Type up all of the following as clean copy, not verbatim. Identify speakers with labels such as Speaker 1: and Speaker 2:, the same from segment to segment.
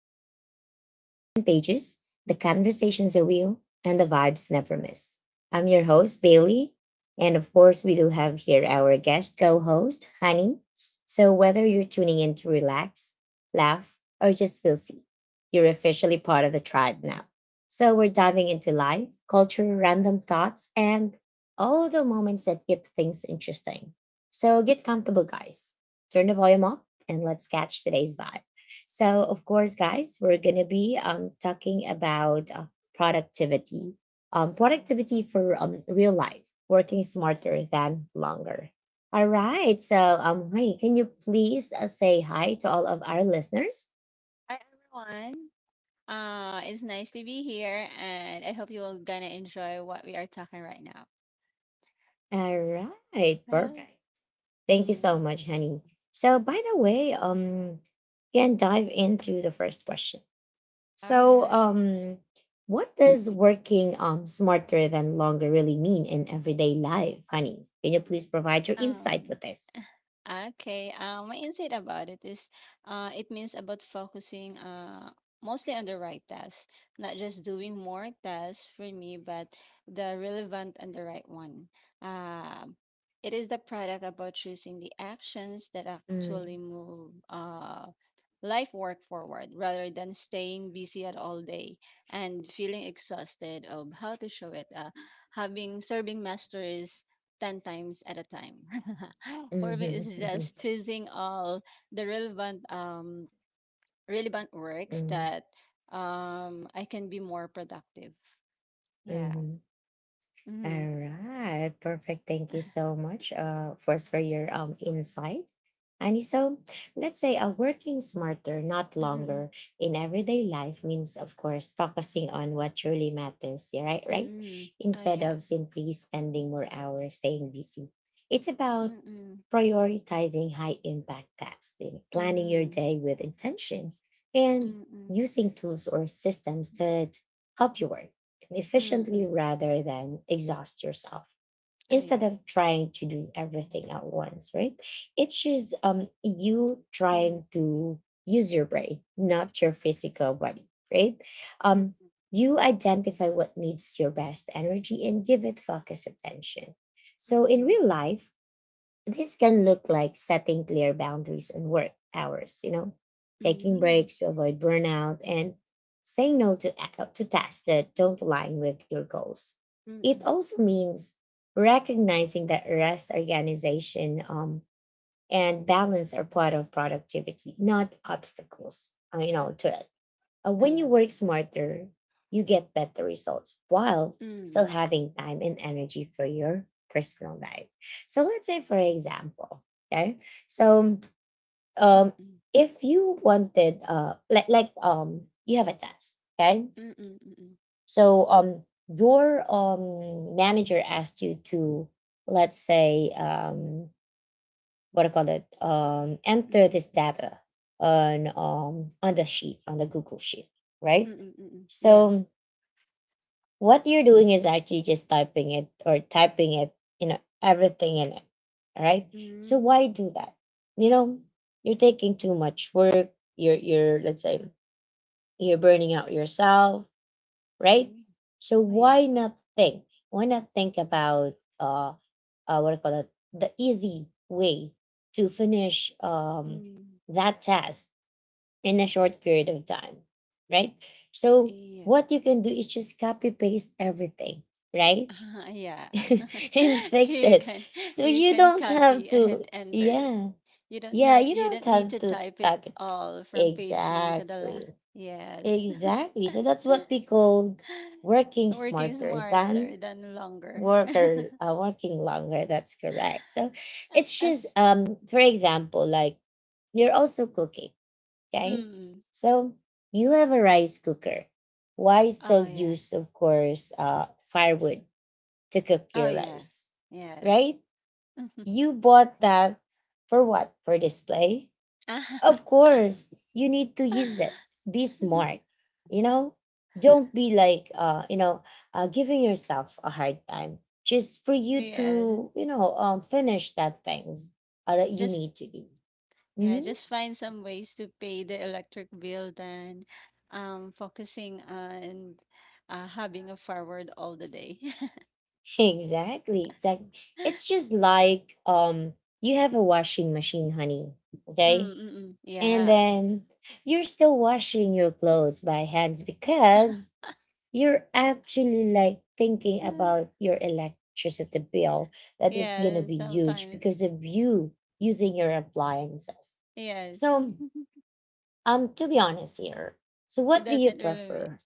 Speaker 1: podcast where the energy is contagious, the conversations are real, and the vibes never miss. I'm your host, Bailey. And of course, we do have here our guest co host, Honey. So, whether you're tuning in to relax, laugh, or just feel seen, you're officially part of the tribe now. So, we're diving into life, culture, random thoughts, and all the moments that keep things interesting. So, get comfortable, guys, turn the volume up and let's catch today's vibe. So, of course, guys, we're going to be talking about productivity.
Speaker 2: Mhm.
Speaker 1: Productivity for real life, working smarter than longer. All right. So, hi, can you please say hi to all of our listeners?
Speaker 2: Hi everyone. It's nice to be here, and I hope you all gonna enjoy what we are talking right now.
Speaker 1: All right.
Speaker 2: Well,
Speaker 1: Perfect. Thank you so
Speaker 2: mm,
Speaker 1: much, Honey. So, by the way, can dive into the first question.
Speaker 2: all
Speaker 1: So,
Speaker 2: right.
Speaker 1: what does working smarter than longer really mean in everyday life, Honey? Can you please provide your insight with
Speaker 2: Um,
Speaker 1: this?
Speaker 2: Okay. My insight about it is it means about focusing mostly on the right tasks, not just doing more tasks for me, but the relevant and the right one. Uh, it is the product about choosing the actions that actually move life work forward rather than staying busy at all day and feeling exhausted of how to show it. Having serving masters 10 times at a time. For me, it's just choosing all the relevant works
Speaker 1: Mm-hmm.
Speaker 2: that I can be more productive. Yeah. Mm-hmm.
Speaker 1: All right, perfect. Thank you so much, first for your insight. And so, let's say a working smarter, not
Speaker 2: Mm-mm.
Speaker 1: longer, in everyday life means, of course, focusing on what truly matters. Yeah, right, right.
Speaker 2: Mm-mm. Oh
Speaker 1: Instead
Speaker 2: yeah.
Speaker 1: of simply spending more hours staying busy, it's about
Speaker 2: Mm-mm.
Speaker 1: prioritizing high impact tasks, planning your
Speaker 2: Mm-mm.
Speaker 1: day with intention, and using tools or systems that help you work
Speaker 2: Mm-mm.
Speaker 1: efficiently
Speaker 2: Mm-mm.
Speaker 1: rather than exhaust yourself
Speaker 2: Oh
Speaker 1: instead
Speaker 2: yeah.
Speaker 1: of trying to do everything at once, right. It's just you
Speaker 2: Mm-mm.
Speaker 1: trying to use your brain, not your physical body, right. um
Speaker 2: Mm-mm.
Speaker 1: you identify what needs your best energy and give it focus attention. So in
Speaker 2: Mm-mm.
Speaker 1: real life, this can look like setting clear boundaries on work hours, taking breaks to avoid burnout and saying no to tasks that don't align with your goals. It
Speaker 2: Mm-mm.
Speaker 1: also means recognizing that rest, organization, and balance are part of productivity, not obstacles, to it
Speaker 2: Oh
Speaker 1: when you
Speaker 2: yes.
Speaker 1: work smarter, you get better results while still
Speaker 2: Mm.
Speaker 1: having time and energy for your personal life. So let's say, for example, okay, so um,
Speaker 2: Mm-mm.
Speaker 1: if you wanted, like you have a test, okay,
Speaker 2: Mm-mm. Mm-mm.
Speaker 1: so your manager asked you to, let's say, what do you call it, enter
Speaker 2: Mm.
Speaker 1: this data on um on the sheet on the Google sheet, right?
Speaker 2: Mm-mm. Mm-mm. Yeah.
Speaker 1: So what you're doing is actually just typing it or typing it, everything in it. All right. So
Speaker 2: Mm.
Speaker 1: why do that? You know, you're taking too much work. You're let's say you're burning out yourself, right?
Speaker 2: Mm.
Speaker 1: So
Speaker 2: Oh yeah.
Speaker 1: why not think? Why not think about uh, what I call it, the easy way to finish
Speaker 2: Mm.
Speaker 1: that task in a short period of time, right? So
Speaker 2: Yeah.
Speaker 1: what you can do is just copy paste everything, right?
Speaker 2: Yeah.
Speaker 1: And fix
Speaker 2: you
Speaker 1: it.
Speaker 2: can
Speaker 1: So
Speaker 2: you
Speaker 1: you
Speaker 2: can
Speaker 1: don't have
Speaker 2: copy
Speaker 1: to,
Speaker 2: and enter it.
Speaker 1: yeah,
Speaker 2: You don't
Speaker 1: yeah,
Speaker 2: know
Speaker 1: you
Speaker 2: you
Speaker 1: don't
Speaker 2: don't need
Speaker 1: have
Speaker 2: to
Speaker 1: to
Speaker 2: type it
Speaker 1: type it.
Speaker 2: all from page one to the last.
Speaker 1: Exactly,
Speaker 2: Yes.
Speaker 1: exactly. So that's what we call working
Speaker 2: Working
Speaker 1: smarter
Speaker 2: smarter
Speaker 1: than
Speaker 2: than longer.
Speaker 1: worker working longer. That's correct. So it's
Speaker 2: As
Speaker 1: just for example, like you're also cooking. Okay.
Speaker 2: mm.
Speaker 1: So you have a rice cooker. Why
Speaker 2: Oh
Speaker 1: still
Speaker 2: yeah.
Speaker 1: use, of course, firewood to cook
Speaker 2: Oh
Speaker 1: your
Speaker 2: yeah.
Speaker 1: rice?
Speaker 2: Yes.
Speaker 1: Right? You bought that for what? For display? Of course, you need to use it. Be smart. You know, don't be like, giving yourself a hard time just for you
Speaker 2: Yes.
Speaker 1: to, finish that things that you
Speaker 2: Just
Speaker 1: need to do.
Speaker 2: Yeah,
Speaker 1: Mhm.
Speaker 2: just find some ways to pay the electric bill than focusing on having a forward all the day.
Speaker 1: Exactly, exactly. It's just like you have a washing machine, honey.
Speaker 2: Mm
Speaker 1: Okay?
Speaker 2: mm mm.
Speaker 1: And
Speaker 2: Yeah.
Speaker 1: then you're still washing your clothes by hands because you're actually like thinking
Speaker 2: Uh,
Speaker 1: about your electricity bill that it's gonna
Speaker 2: Yeah,
Speaker 1: be huge
Speaker 2: sometimes.
Speaker 1: because of you using your appliances.
Speaker 2: Yes.
Speaker 1: So to be honest here, so
Speaker 2: It
Speaker 1: what do you
Speaker 2: doesn't really
Speaker 1: prefer?
Speaker 2: make.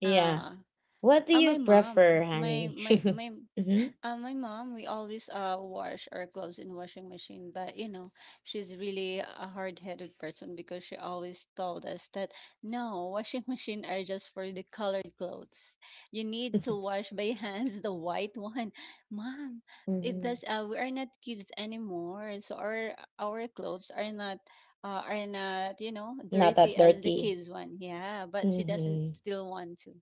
Speaker 1: Yeah.
Speaker 2: Uh,
Speaker 1: What do you
Speaker 2: my
Speaker 1: prefer,
Speaker 2: mom. My
Speaker 1: honey?
Speaker 2: my my
Speaker 1: Mhm.
Speaker 2: Um, my mom, we always wash our clothes in washing machine, but you know, she's really a hard-headed person because she always told us that no, washing machine are just for the colored clothes. You need to wash by hands the white one. Mom, it
Speaker 1: Mhm.
Speaker 2: does we are not kids anymore, so our clothes are not, you know,
Speaker 1: Not that
Speaker 2: dirty as the
Speaker 1: dirty.
Speaker 2: kids one. Yeah, but she doesn't
Speaker 1: Mhm.
Speaker 2: still want to.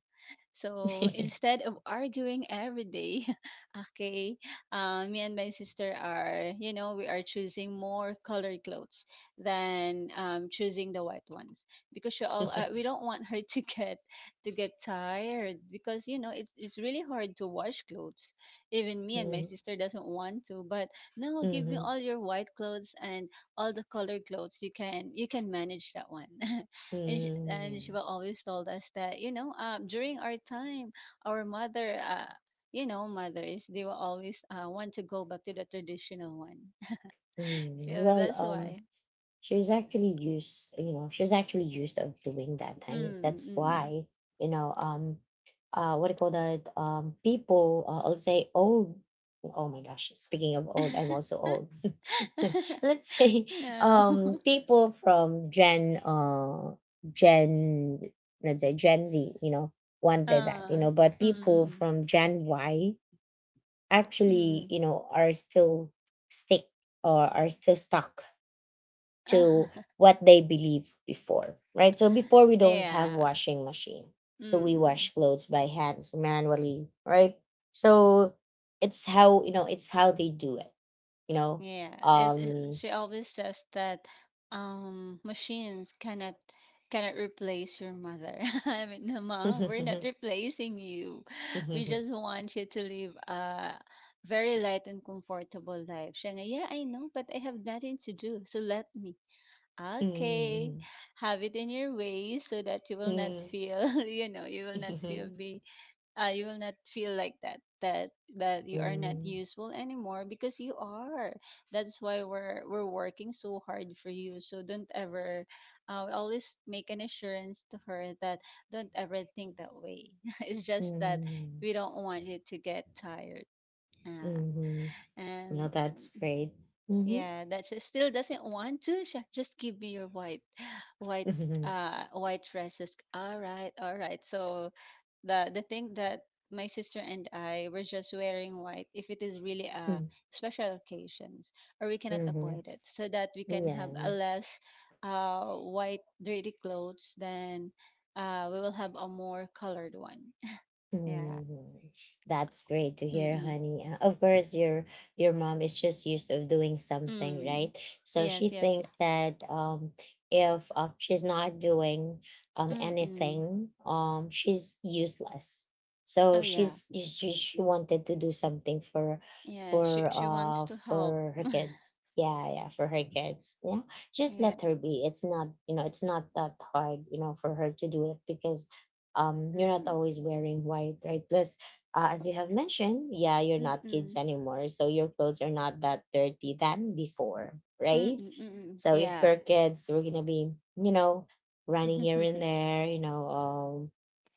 Speaker 2: So instead of arguing every day, okay, me and my sister are, you know, we are choosing more colored clothes than choosing the white ones because she all
Speaker 1: Mhm.
Speaker 2: we don't want her to get tired because it's really hard to wash clothes. Even me and my
Speaker 1: Mhm.
Speaker 2: sister doesn't want to, but no, give me
Speaker 1: Mhm.
Speaker 2: all your white clothes and all the colored clothes. You can manage that one. and she,
Speaker 1: Hmm.
Speaker 2: and she
Speaker 1: Hmm.
Speaker 2: will always told us that during our time our mother mothers they will always want to go back to the traditional one so
Speaker 1: Well,
Speaker 2: that's why
Speaker 1: she's actually used of doing that, and
Speaker 2: mm,
Speaker 1: that's
Speaker 2: mm.
Speaker 1: why you know um what do you call that, people, I'll say old. Oh my gosh, speaking of old, I'm also old. Let's say
Speaker 2: No.
Speaker 1: people from gen gen let's say Gen Z, wanted that,
Speaker 2: uh, mm,
Speaker 1: but people
Speaker 2: mm,
Speaker 1: from Gen Y
Speaker 2: mm,
Speaker 1: actually,
Speaker 2: mm.
Speaker 1: stick are still stuck to what they believe before, right? So before we don't have
Speaker 2: Yeah
Speaker 1: washing machine. So
Speaker 2: mm,
Speaker 1: we
Speaker 2: mm.
Speaker 1: wash clothes by hands manually, right? So it's how, it's how they do it, you know.
Speaker 2: Yeah, it's,
Speaker 1: Um
Speaker 2: she always says that machines cannot replace your mother. I mean, no, mom, we're not replacing you. We
Speaker 1: Mm-hmm.
Speaker 2: just want you to live a very light and comfortable life. Siya nga, yeah, I know, but I have nothing to do, so let me. Okay, have it in your ways so that you will not feel, you will not feel being you will not feel like that you are not useful anymore because you are that's why we're working so hard for you so don't ever, we always make an assurance to her that don't ever think that way it's just that we don't want you to get tired, uh, and
Speaker 1: No, that's great. Mm-hmm.
Speaker 2: yeah that she still doesn't want to. She just give me your white white white dresses, all right so the thing that my sister and I were just wearing white if it is really a
Speaker 1: Mm-hmm.
Speaker 2: special occasions or we cannot
Speaker 1: Mm-hmm.
Speaker 2: avoid it so that we can have a
Speaker 1: Yeah.
Speaker 2: less white dirty clothes then we will have a more colored one. Yeah.
Speaker 1: Mhm. That's great to hear,
Speaker 2: Mm-mm.
Speaker 1: honey. Of course, your mom is just used of doing something,
Speaker 2: Mm.
Speaker 1: right? So
Speaker 2: Yes,
Speaker 1: she
Speaker 2: yes, yes.
Speaker 1: thinks that if she's not doing
Speaker 2: Mm-mm.
Speaker 1: anything, she's useless.
Speaker 2: Oh
Speaker 1: So
Speaker 2: yeah.
Speaker 1: she wanted to do something for
Speaker 2: Yeah, she she wants to help.
Speaker 1: her kids. Yeah, yeah, for her kids. Yeah, just
Speaker 2: Yeah.
Speaker 1: let her be. It's not that hard, for her to do it, because you're not
Speaker 2: Mm.
Speaker 1: always wearing white, right? Plus, as you have mentioned, yeah, you're not kids
Speaker 2: Mm-mm.
Speaker 1: anymore, so your clothes are not that dirty than before,
Speaker 2: Mm-mm.
Speaker 1: right?
Speaker 2: Mm-mm.
Speaker 1: So if
Speaker 2: Yeah.
Speaker 1: we're kids, we're gonna be, you know running here and there,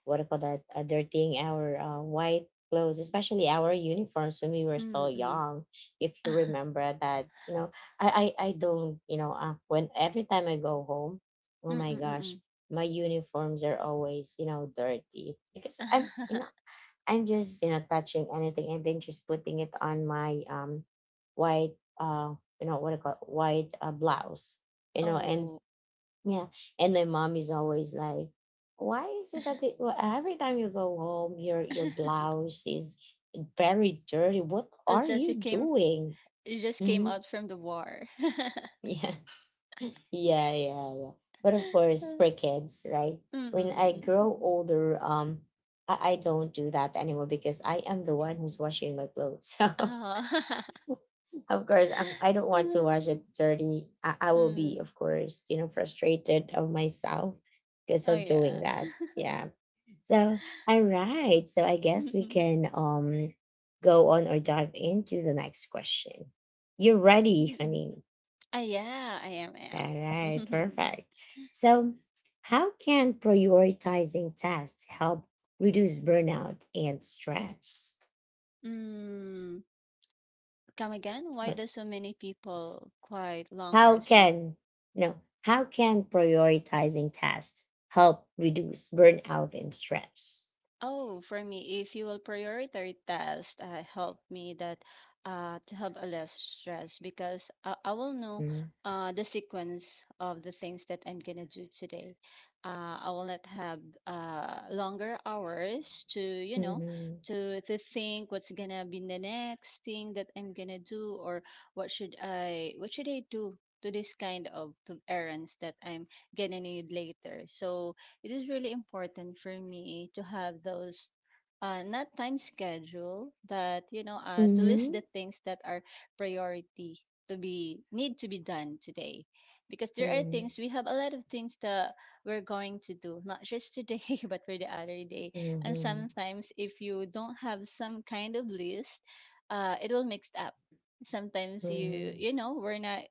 Speaker 1: what do you call that, dirtying our white clothes, especially our uniforms when we were so
Speaker 2: Mm-mm. Mm-mm.
Speaker 1: young, if you remember that. I don't, when every time I go home, oh my gosh,
Speaker 2: Mm-mm.
Speaker 1: my uniforms are always dirty, because i'm you know i'm just touching anything and then just putting it on my white what I call white blouse, and
Speaker 2: Oh,
Speaker 1: yeah, and my mom is always like, why is it that they, well, every time you go home your blouse is very dirty. What
Speaker 2: it
Speaker 1: are
Speaker 2: just
Speaker 1: you
Speaker 2: it came
Speaker 1: doing?
Speaker 2: it just came
Speaker 1: Mhm.
Speaker 2: out from the war.
Speaker 1: Yeah, yeah, yeah, yeah. But of course, for kids, right?
Speaker 2: Mm, mm,
Speaker 1: When I
Speaker 2: mm, mm, mm,
Speaker 1: grow
Speaker 2: mm.
Speaker 1: older, I don't do that anymore because I am the one who's washing my clothes.
Speaker 2: Oh.
Speaker 1: So of course, I don't want to wash
Speaker 2: Mm,
Speaker 1: it dirty. I will be,
Speaker 2: mm.
Speaker 1: of course, frustrated of myself because
Speaker 2: Oh
Speaker 1: of
Speaker 2: yeah.
Speaker 1: doing that. Yeah. So all right. So I
Speaker 2: Mm,
Speaker 1: guess we
Speaker 2: mm,
Speaker 1: can go on or dive into the next question. You're
Speaker 2: mm,
Speaker 1: ready,
Speaker 2: mm.
Speaker 1: honey.
Speaker 2: Ah yeah, I am, I
Speaker 1: All right,
Speaker 2: am.
Speaker 1: perfect. So, how can prioritizing tasks help reduce burnout and stress?
Speaker 2: Mm. Come again? Why
Speaker 1: But
Speaker 2: do so many people quite long
Speaker 1: how
Speaker 2: hours?
Speaker 1: can, no? How can prioritizing tasks help reduce burnout and stress?
Speaker 2: Oh, for me, if you will prioritize tasks, help me that to have a less stress because I will know
Speaker 1: Mm,
Speaker 2: the sequence of the things that I'm gonna do today. I will not have longer hours to you know
Speaker 1: mhm,
Speaker 2: to to think what's gonna be the next thing that I'm gonna do or what should I do to this kind of to errands that I'm gonna need later. So it is really important for me to have those not time schedule but to list
Speaker 1: mhm,
Speaker 2: the things that are priority to be need to be done today because there are things we have a lot of things that we're going to do not just today but for the other day and
Speaker 1: mhm,
Speaker 2: sometimes if you don't have some kind of list it will mixed up sometimes
Speaker 1: mhm,
Speaker 2: we're not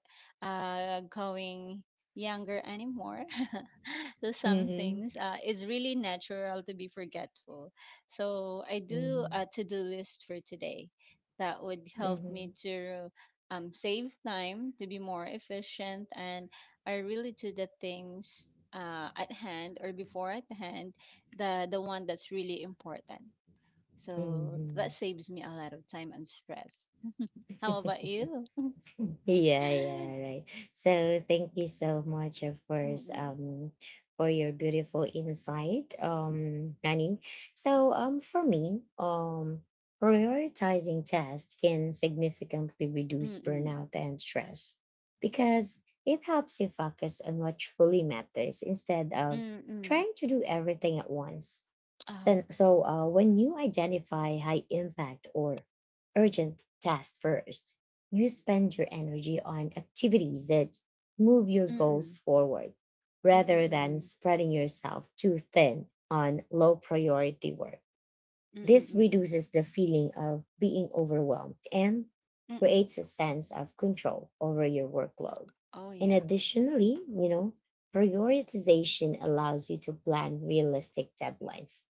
Speaker 2: going younger anymore so some
Speaker 1: mhm,
Speaker 2: things it's really natural to be forgetful so I do
Speaker 1: mhm,
Speaker 2: a to-do list for today that would help me
Speaker 1: mhm,
Speaker 2: to save time to be more efficient and I really do the things at hand or before at hand the one that's really important so that
Speaker 1: mhm,
Speaker 2: saves me a lot of time and stress. How
Speaker 1: mhm,
Speaker 2: about you?
Speaker 1: yeah, yeah, right. So thank you so much, of course,
Speaker 2: Mm-mm.
Speaker 1: for your beautiful insight, Nani. So for me, prioritizing tasks can significantly reduce
Speaker 2: Mm-mm.
Speaker 1: burnout and stress because it helps you focus on what truly matters instead of
Speaker 2: Mm-mm.
Speaker 1: trying to do everything at once.
Speaker 2: Oh.
Speaker 1: So, when you identify high impact or urgent tasks first, you spend your energy on activities that move your
Speaker 2: Mm-mm.
Speaker 1: goals forward
Speaker 2: Mm-mm.
Speaker 1: rather than
Speaker 2: Mm-mm.
Speaker 1: spreading yourself too thin on low priority work.
Speaker 2: Mm, mm,
Speaker 1: This
Speaker 2: mm, mm.
Speaker 1: reduces the feeling of being overwhelmed and
Speaker 2: Mm, mm.
Speaker 1: creates a sense of control over your workload.
Speaker 2: Oh,
Speaker 1: And
Speaker 2: yeah.
Speaker 1: additionally, prioritization allows you to plan realistic deadlines,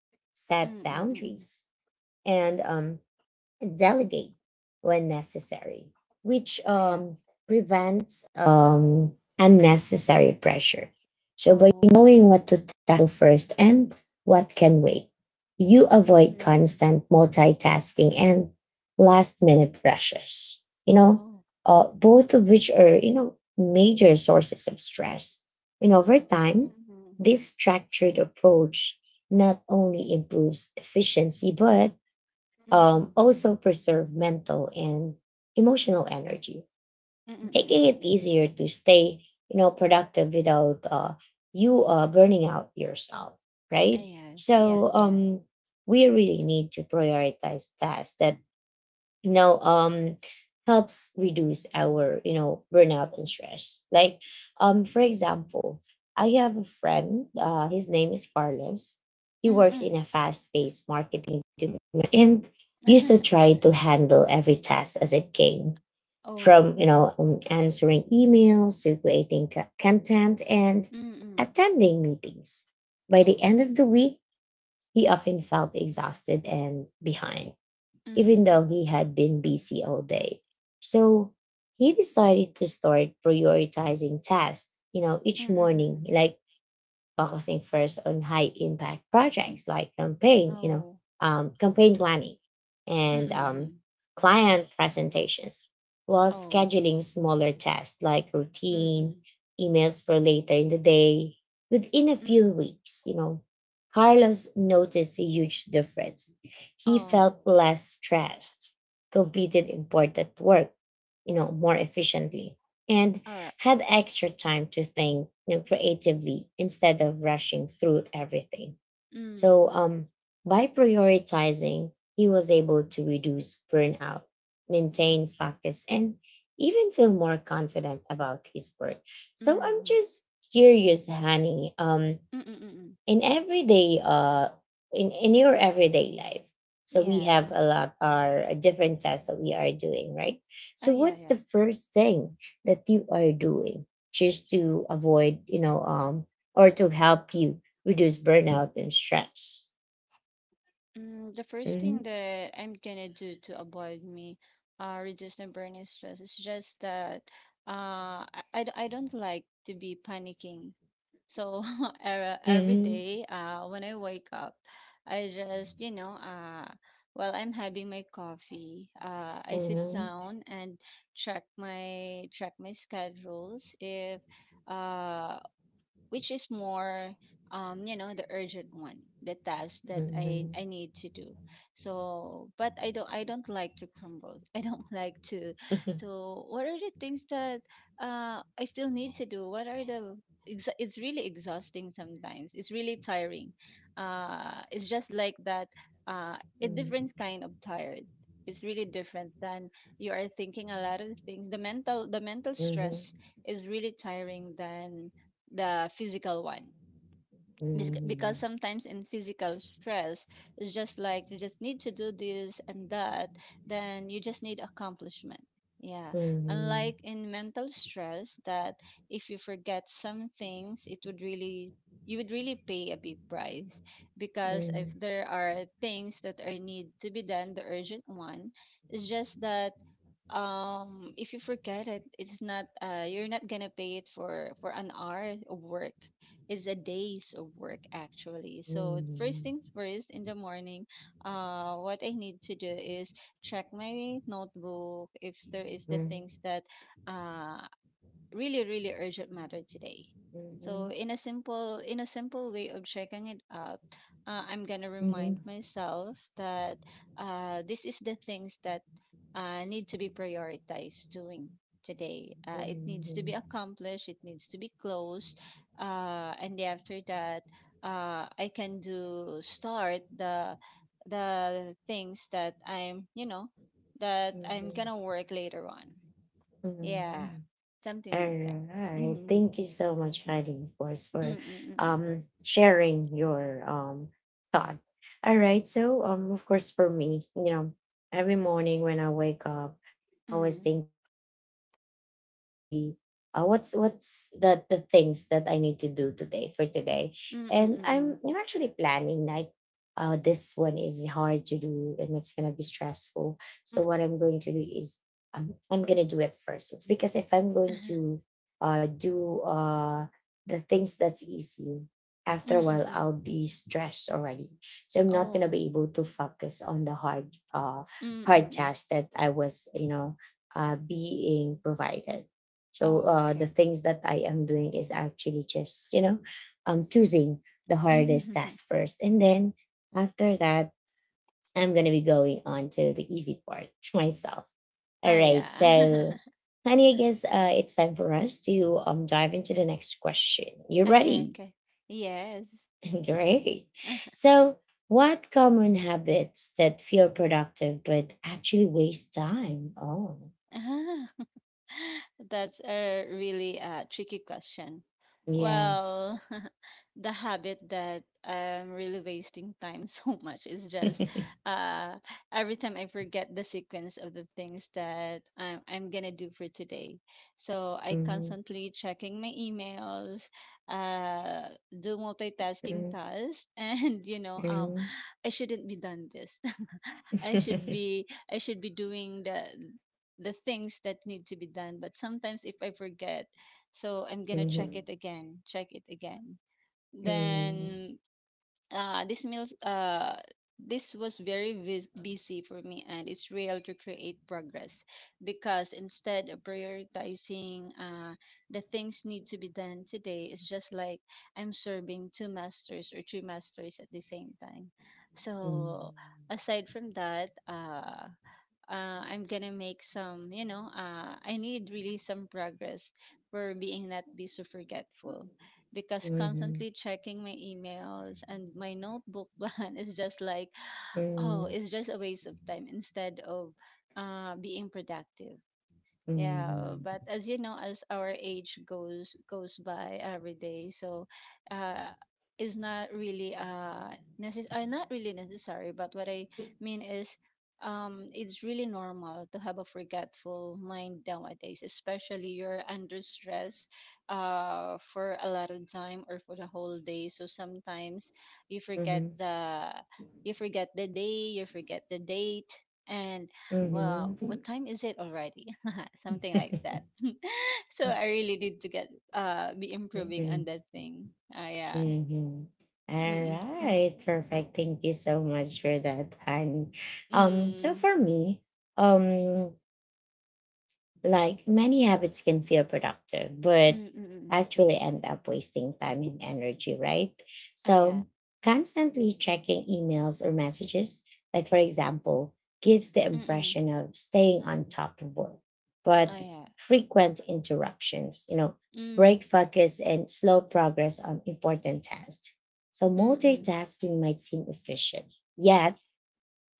Speaker 2: Mm,
Speaker 1: set
Speaker 2: mm, mm, mm.
Speaker 1: boundaries, and delegate when necessary, which
Speaker 2: I have.
Speaker 1: prevents unnecessary pressure. So, by
Speaker 2: Oh.
Speaker 1: knowing what to tackle first and what can wait, you
Speaker 2: Mm, mm,
Speaker 1: avoid
Speaker 2: mm.
Speaker 1: constant multitasking and last minute pressures,
Speaker 2: Oh.
Speaker 1: both of which are, major sources of stress. And over
Speaker 2: Mm,
Speaker 1: time,
Speaker 2: mm.
Speaker 1: this structured approach not only improves efficiency, but
Speaker 2: Mm, mm.
Speaker 1: also preserve mental and emotional energy,
Speaker 2: Mm, mm, mm,
Speaker 1: making
Speaker 2: mm,
Speaker 1: it
Speaker 2: mm.
Speaker 1: easier to stay, productive without you burning out yourself,
Speaker 2: I
Speaker 1: right?
Speaker 2: have. Yes,
Speaker 1: So
Speaker 2: yes.
Speaker 1: we really need to prioritize tasks that you know um helps reduce our burnout and stress, like for example, I have a friend, his name is Carlos. He
Speaker 2: Mm,
Speaker 1: works in
Speaker 2: mm.
Speaker 1: a fast-paced marketing department and used to try to handle every task as it came, from
Speaker 2: Oh.
Speaker 1: answering emails to creating content and
Speaker 2: Mm, mm.
Speaker 1: attending meetings. By the
Speaker 2: Oh.
Speaker 1: end of the week, he often felt exhausted and behind, even
Speaker 2: Mm.
Speaker 1: though he had been busy all day. So he decided to start prioritizing tasks,
Speaker 2: Mm,
Speaker 1: each
Speaker 2: mm, mm,
Speaker 1: morning,
Speaker 2: mm.
Speaker 1: like focusing first on high impact projects like campaign, you know,
Speaker 2: Oh.
Speaker 1: um, campaign planning
Speaker 2: Mm,
Speaker 1: and
Speaker 2: mm, mm.
Speaker 1: client presentations, while
Speaker 2: Oh.
Speaker 1: scheduling smaller tasks like
Speaker 2: Mm,
Speaker 1: routine
Speaker 2: mm.
Speaker 1: emails for later in the day. Within a
Speaker 2: Mm,
Speaker 1: few
Speaker 2: mm.
Speaker 1: weeks, Carlos noticed a huge difference. He
Speaker 2: Oh.
Speaker 1: felt less stressed, completed important work, more efficiently, and
Speaker 2: All right.
Speaker 1: had extra time to think, creatively, instead of rushing through everything. So,
Speaker 2: Mm.
Speaker 1: by prioritizing, he was able to reduce burnout, maintain focus, and even feel more confident about his work. So, I'm
Speaker 2: Mm.
Speaker 1: just curious, Honey.
Speaker 2: Mm, mm, mm, mm.
Speaker 1: In everyday in your everyday life, so we have
Speaker 2: Yes.
Speaker 1: a lot our different tasks that we are doing, right?
Speaker 2: Oh,
Speaker 1: So
Speaker 2: yeah,
Speaker 1: what's
Speaker 2: yeah.
Speaker 1: the first thing that you are doing just to avoid or to help you reduce burnout and stress?
Speaker 2: Mm, the first thing
Speaker 1: Mm-hmm.
Speaker 2: that I'm gonna do to avoid me reduce the burning stress is just that I don't like to be panicking. So every
Speaker 1: Mm-hmm.
Speaker 2: day when I wake up, I just while I'm having my coffee, I sit down and check my schedules if uh which is more the urgent one the task that i
Speaker 1: Mm-hmm.
Speaker 2: i need to do so but I don't like to crumble I don't like to
Speaker 1: Mm-hmm.
Speaker 2: to what are the things that I still need to do what are the it's really exhausting sometimes it's really tiring it's just like that uh a different kind of tired it's really different than you are thinking a lot of things the mental
Speaker 1: Mm-hmm. Mm-hmm.
Speaker 2: stress is really tiring than the physical one. Bes-
Speaker 1: Mm-hmm.
Speaker 2: because sometimes in physical stress it's just like you just need to do this and that then you just need accomplishment yeah unlike in mental stress that if you forget some things it would really you would really pay a big price because if there are things that are need to be done the urgent one it's just that if you forget it it's not, you're not gonna pay it for an hour of work is a days of work actually. So first things first, in the morning, what I need to do is check my notebook if there is the things that uh, really really urgent matter today so in a simple way of checking it out I'm gonna
Speaker 1: Mm-hmm. Mm-hmm.
Speaker 2: remind myself that this is the things that need to be prioritized doing today
Speaker 1: Mm-hmm.
Speaker 2: it needs to be
Speaker 1: Mm-hmm.
Speaker 2: accomplished it needs to be closed and after that I can do start the things that I'm
Speaker 1: Mm-hmm.
Speaker 2: gonna work later on yeah,
Speaker 1: Mhm.
Speaker 2: something like
Speaker 1: All
Speaker 2: that.
Speaker 1: right.
Speaker 2: Mhm.
Speaker 1: Thank you so much, Heidi, of course, for
Speaker 2: Mm, mm, mm,
Speaker 1: sharing your thought. All right. So of course for me, you know, every morning when I wake up, I'm always
Speaker 2: mm.
Speaker 1: thinking, so what's going to be what's the things that I need to do today for today.
Speaker 2: Mm, mm,
Speaker 1: And
Speaker 2: mm,
Speaker 1: I'm
Speaker 2: mm.
Speaker 1: I'm actually planning like this one is hard to do and it's gonna be stressful. So
Speaker 2: Mm,
Speaker 1: what I'm going to do is I'm gonna do it first. It's because if I'm
Speaker 2: mm. Mm,
Speaker 1: going
Speaker 2: mm,
Speaker 1: to do the things that's easy,
Speaker 2: mm.
Speaker 1: after a
Speaker 2: Mm,
Speaker 1: while
Speaker 2: mm.
Speaker 1: I'll be stressed already. So I'm not gonna
Speaker 2: Oh.
Speaker 1: be able to focus on the
Speaker 2: Mm, mm,
Speaker 1: hard
Speaker 2: mm.
Speaker 1: task that I was being provided. So
Speaker 2: Oh,
Speaker 1: the
Speaker 2: okay.
Speaker 1: things that I am doing is actually just choosing the hardest
Speaker 2: Mhm.
Speaker 1: task first, and then after that I'm going to be going on to the easy part myself. All
Speaker 2: Ah,
Speaker 1: right.
Speaker 2: yeah.
Speaker 1: So, Honey, I guess it's time for us to dive into the next question. You
Speaker 2: Okay,
Speaker 1: ready?
Speaker 2: okay. Yes.
Speaker 1: Great. So, what common habits that feel productive but actually waste time? Oh,
Speaker 2: Uh-huh. That's a really tricky question.
Speaker 1: yeah.
Speaker 2: Well, the habit that I'm really wasting time so much is just uh, every time I forget the sequence of the things that I'm gonna do for today. So I
Speaker 1: Hmm.
Speaker 2: constantly checking my emails, uh, do multitasking
Speaker 1: Hmm.
Speaker 2: tasks, and
Speaker 1: Hmm.
Speaker 2: I shouldn't be done this. I should be I should be doing the things that need to be done. But sometimes if I forget, so I'm gonna check it
Speaker 1: Mhm.
Speaker 2: again, check it again.
Speaker 1: Mhm. Mhm.
Speaker 2: Then this meals this was very busy for me and it's real to create progress because instead of prioritizing the things need to be done today it's just like I'm serving two masters or three masters at the same time, so aside from that I'm gonna make some, I need really some progress for being not be so forgetful because
Speaker 1: Mhm.
Speaker 2: constantly checking my emails and my notebook plan is just like, oh,
Speaker 1: Mhm.
Speaker 2: it's just a waste of time instead of being productive. Yeah,
Speaker 1: Mhm.
Speaker 2: but as you know, as our age goes by every day, so uh, it's not really necess not really necessary. But what I mean is, it's really normal to have a forgetful mind nowadays, especially you're under stress, for a lot of time or for the whole day. So sometimes you forget
Speaker 1: Mhm.
Speaker 2: the you forget the day, you forget the date, and well,
Speaker 1: Mhm.
Speaker 2: what time is it already? Something like that. So I really need to get be improving on
Speaker 1: Mhm.
Speaker 2: that thing. Ah, yeah.
Speaker 1: Mhm. All
Speaker 2: Mm
Speaker 1: right. Perfect. Thank you so much for that, Han. So
Speaker 2: mm
Speaker 1: for me, um, like many habits can feel productive,
Speaker 2: mm
Speaker 1: but
Speaker 2: mm mm. Mm.
Speaker 1: actually end up wasting time and energy, right?
Speaker 2: Ah, yeah.
Speaker 1: So, constantly checking emails or messages, like for example, gives the
Speaker 2: Mm mm.
Speaker 1: impression of staying on top of work.
Speaker 2: Ah,
Speaker 1: But
Speaker 2: yeah.
Speaker 1: frequent interruptions, you know, break
Speaker 2: Mm
Speaker 1: focus and slow progress on important tasks. So,
Speaker 2: mm mm
Speaker 1: multitasking might seem efficient, yet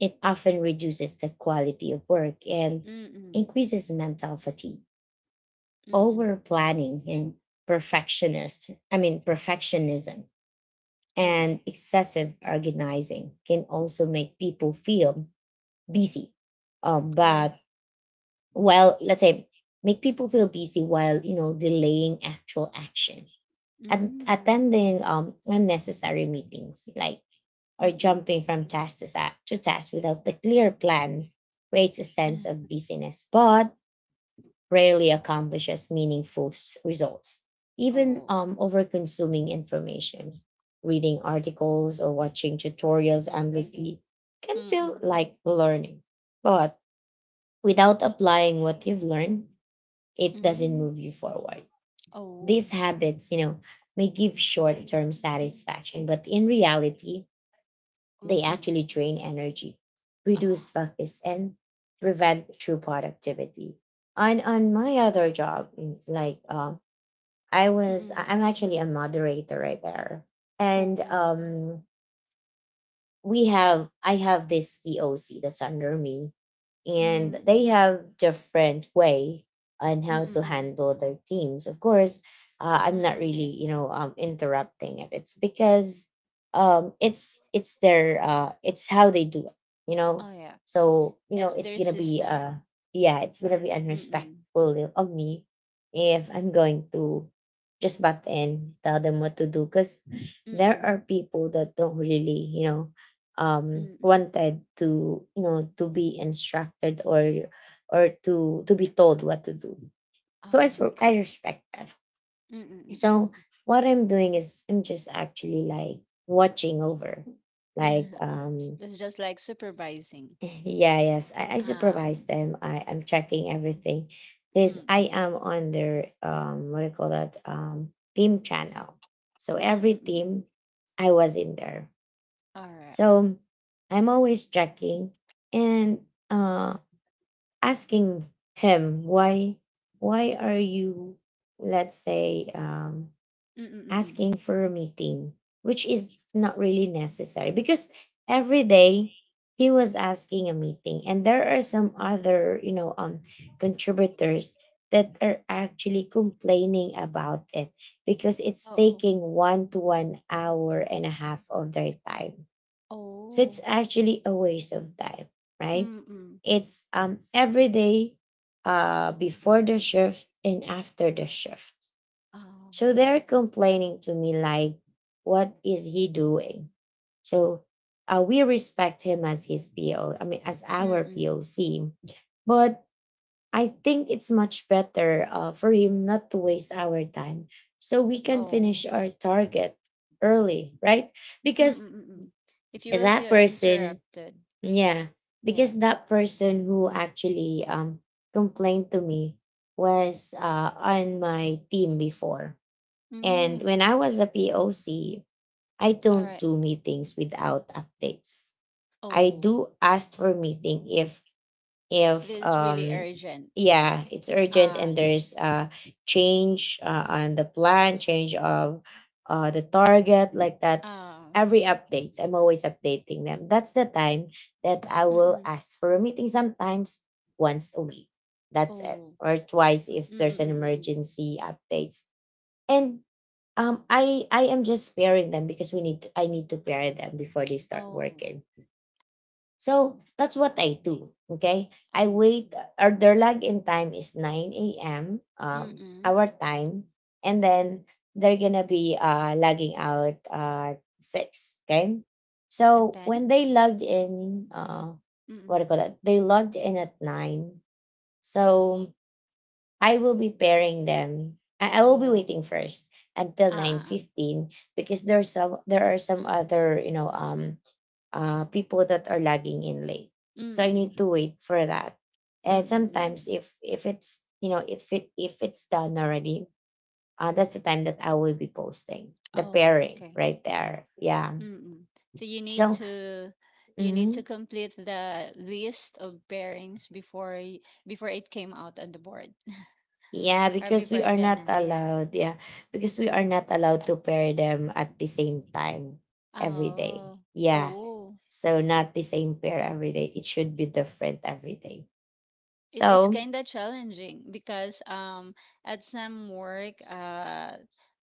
Speaker 1: it often reduces the quality of work and
Speaker 2: mm mm
Speaker 1: increases mental fatigue
Speaker 2: mm. Mm.
Speaker 1: over planning and perfectionism
Speaker 2: Oh, yeah.
Speaker 1: and excessive organizing can also make people feel busy.
Speaker 2: Ah, yeah.
Speaker 1: But while, let's say, make people feel busy while, you know, delaying actual action. And
Speaker 2: Mm
Speaker 1: attending unnecessary meetings, like, or
Speaker 2: mm mm.
Speaker 1: jumping from to task without a clear plan creates a sense of
Speaker 2: Ah.
Speaker 1: busyness. But rarely accomplishes results. Even
Speaker 2: Oh.
Speaker 1: over consuming information, reading articles or watching tutorials endlessly can
Speaker 2: Mm
Speaker 1: feel
Speaker 2: mm
Speaker 1: like learning. But without applying what you've learned, it doesn't
Speaker 2: mm.
Speaker 1: move you forward.
Speaker 2: Oh.
Speaker 1: These habits, you know, may give short term satisfaction, but in reality, they
Speaker 2: Mm mm.
Speaker 1: actually drain energy, reduce
Speaker 2: Ah.
Speaker 1: focus, and prevent true productivity. On my other job, mm, like
Speaker 2: Mm mm.
Speaker 1: I'm actually a moderator right there, and
Speaker 2: Oh.
Speaker 1: we have I have this POC that's under me, and
Speaker 2: Mm
Speaker 1: they
Speaker 2: mm
Speaker 1: have different way on
Speaker 2: mm
Speaker 1: how to
Speaker 2: mm mm
Speaker 1: handle their teams. Of course,
Speaker 2: mm
Speaker 1: I'm
Speaker 2: mm.
Speaker 1: not really
Speaker 2: Mm.
Speaker 1: interrupting it. It's because it's their it's how they do it. You know,
Speaker 2: Oh, yeah.
Speaker 1: so you know
Speaker 2: It's
Speaker 1: it's
Speaker 2: their
Speaker 1: gonna be
Speaker 2: system.
Speaker 1: yeah it's gonna be
Speaker 2: Mm mm
Speaker 1: unrespectful of me if I'm going to just butt in tell them what to do because
Speaker 2: mm
Speaker 1: there
Speaker 2: mm.
Speaker 1: are people that don't really
Speaker 2: Mm.
Speaker 1: wanted to to be instructed or to be told what to do, so
Speaker 2: Oh,
Speaker 1: I
Speaker 2: okay.
Speaker 1: respect that.
Speaker 2: Mm, mm, mm,
Speaker 1: So
Speaker 2: mm.
Speaker 1: what I'm doing is I'm just actually like watching over like
Speaker 2: Uh-huh. It's just like supervising.
Speaker 1: yeah, yes, I
Speaker 2: Ah,
Speaker 1: supervise them, I'm checking everything
Speaker 2: mm,
Speaker 1: because
Speaker 2: mm. Mm.
Speaker 1: I am on their what do you call that team channel, so
Speaker 2: Mm,
Speaker 1: every
Speaker 2: mm, mm,
Speaker 1: team I was in there.
Speaker 2: all right.
Speaker 1: So I'm always checking and uh, asking him why are you, let's say,
Speaker 2: Mm. Mm, mm,
Speaker 1: asking for a meeting, which is not really necessary because every day he was asking a meeting, and there are some other contributors that are actually complaining about it because it's
Speaker 2: oh.
Speaker 1: taking one to one hour and a half of their time,
Speaker 2: Oh,
Speaker 1: so it's
Speaker 2: oh,
Speaker 1: actually a waste of time, right?
Speaker 2: mm. Mm,
Speaker 1: It's every day before the shift and after the shift.
Speaker 2: oh, oh,
Speaker 1: So they're complaining to me like, what is he doing? So we respect him as his PO, I mean as
Speaker 2: mm,
Speaker 1: our
Speaker 2: mm.
Speaker 1: POC. But I think it's much better for him not to waste our time so we can
Speaker 2: Oh.
Speaker 1: finish our target early, right?
Speaker 2: Mm,
Speaker 1: Because
Speaker 2: mm, mm, mm. If you will
Speaker 1: that
Speaker 2: feel
Speaker 1: person,
Speaker 2: interrupted,
Speaker 1: yeah,
Speaker 2: yeah.
Speaker 1: because that person who actually complained to me was on my team before. And
Speaker 2: Mm.
Speaker 1: when I was a POC, I
Speaker 2: All
Speaker 1: don't
Speaker 2: right.
Speaker 1: do meetings without updates. I
Speaker 2: Oh,
Speaker 1: do ask for meeting if
Speaker 2: it
Speaker 1: if
Speaker 2: is really
Speaker 1: um
Speaker 2: urgent.
Speaker 1: yeah, it's urgent and
Speaker 2: Ah,
Speaker 1: there's a change on the plan, change of the target, like that.
Speaker 2: ah,
Speaker 1: Every updates I'm always updating them, that's the time that I
Speaker 2: mm,
Speaker 1: will
Speaker 2: mm.
Speaker 1: ask for a meeting sometimes once a week, that's it,
Speaker 2: Oh,
Speaker 1: or twice if
Speaker 2: mm, mm,
Speaker 1: there's an
Speaker 2: mm, mm, mm.
Speaker 1: emergency updates. And I am just pairing them because I need to pair them before they start
Speaker 2: Oh,
Speaker 1: working, so that's what I do. Okay. I
Speaker 2: um,
Speaker 1: wait, or their login time is 9 a.m.
Speaker 2: mm-mm.
Speaker 1: Our time. And then they're going to be logging out at 6. Okay.
Speaker 2: A
Speaker 1: So
Speaker 2: 10?
Speaker 1: when they logged in, what do you call that? they logged in at 9. So I will be pairing them. I will be
Speaker 2: Oh,
Speaker 1: waiting first until
Speaker 2: ah, ah,
Speaker 1: 9:15 because there are some other people that are lagging in late.
Speaker 2: oo.
Speaker 1: So I need
Speaker 2: Mm.
Speaker 1: to wait for that.
Speaker 2: Mm,
Speaker 1: And
Speaker 2: mm.
Speaker 1: sometimes if it's if it's done already, that's the time that I will be posting the pairing
Speaker 2: Okay.
Speaker 1: right there. Yeah.
Speaker 2: Mm. So
Speaker 1: So
Speaker 2: you need to
Speaker 1: mhm,
Speaker 2: complete the list of bearings before y before it came out on the board
Speaker 1: yeah,
Speaker 2: or
Speaker 1: because
Speaker 2: before
Speaker 1: we
Speaker 2: it
Speaker 1: are
Speaker 2: got
Speaker 1: not
Speaker 2: announced. Yeah.
Speaker 1: allowed. Yeah, because we are not allowed to pair them at the same time every day.
Speaker 2: Oh.
Speaker 1: Yeah.
Speaker 2: Oh.
Speaker 1: So not the same pair every day. It should be different every day.
Speaker 2: It, it's
Speaker 1: So
Speaker 2: kind of challenging because at some work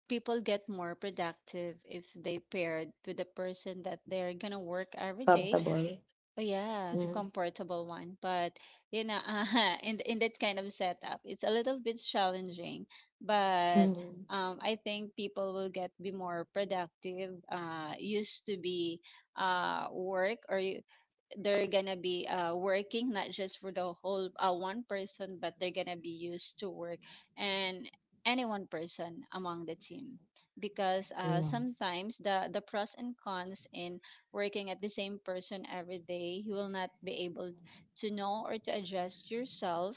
Speaker 2: people get more productive if they paired with the person that they're gonna work every day.
Speaker 1: comfortable.
Speaker 2: Oh, yeah, the
Speaker 1: Mhm.
Speaker 2: comfortable one. But you know, in that kind of setup, it's a little bit challenging. But
Speaker 1: Mhm.
Speaker 2: I think people will get be more productive. Used to be work or you they're gonna be working not just for the whole one person but they're gonna be used to work and any one person among the team because
Speaker 1: Yes.
Speaker 2: sometimes the pros and cons in working at the same person every day you will not be able to know or to adjust yourself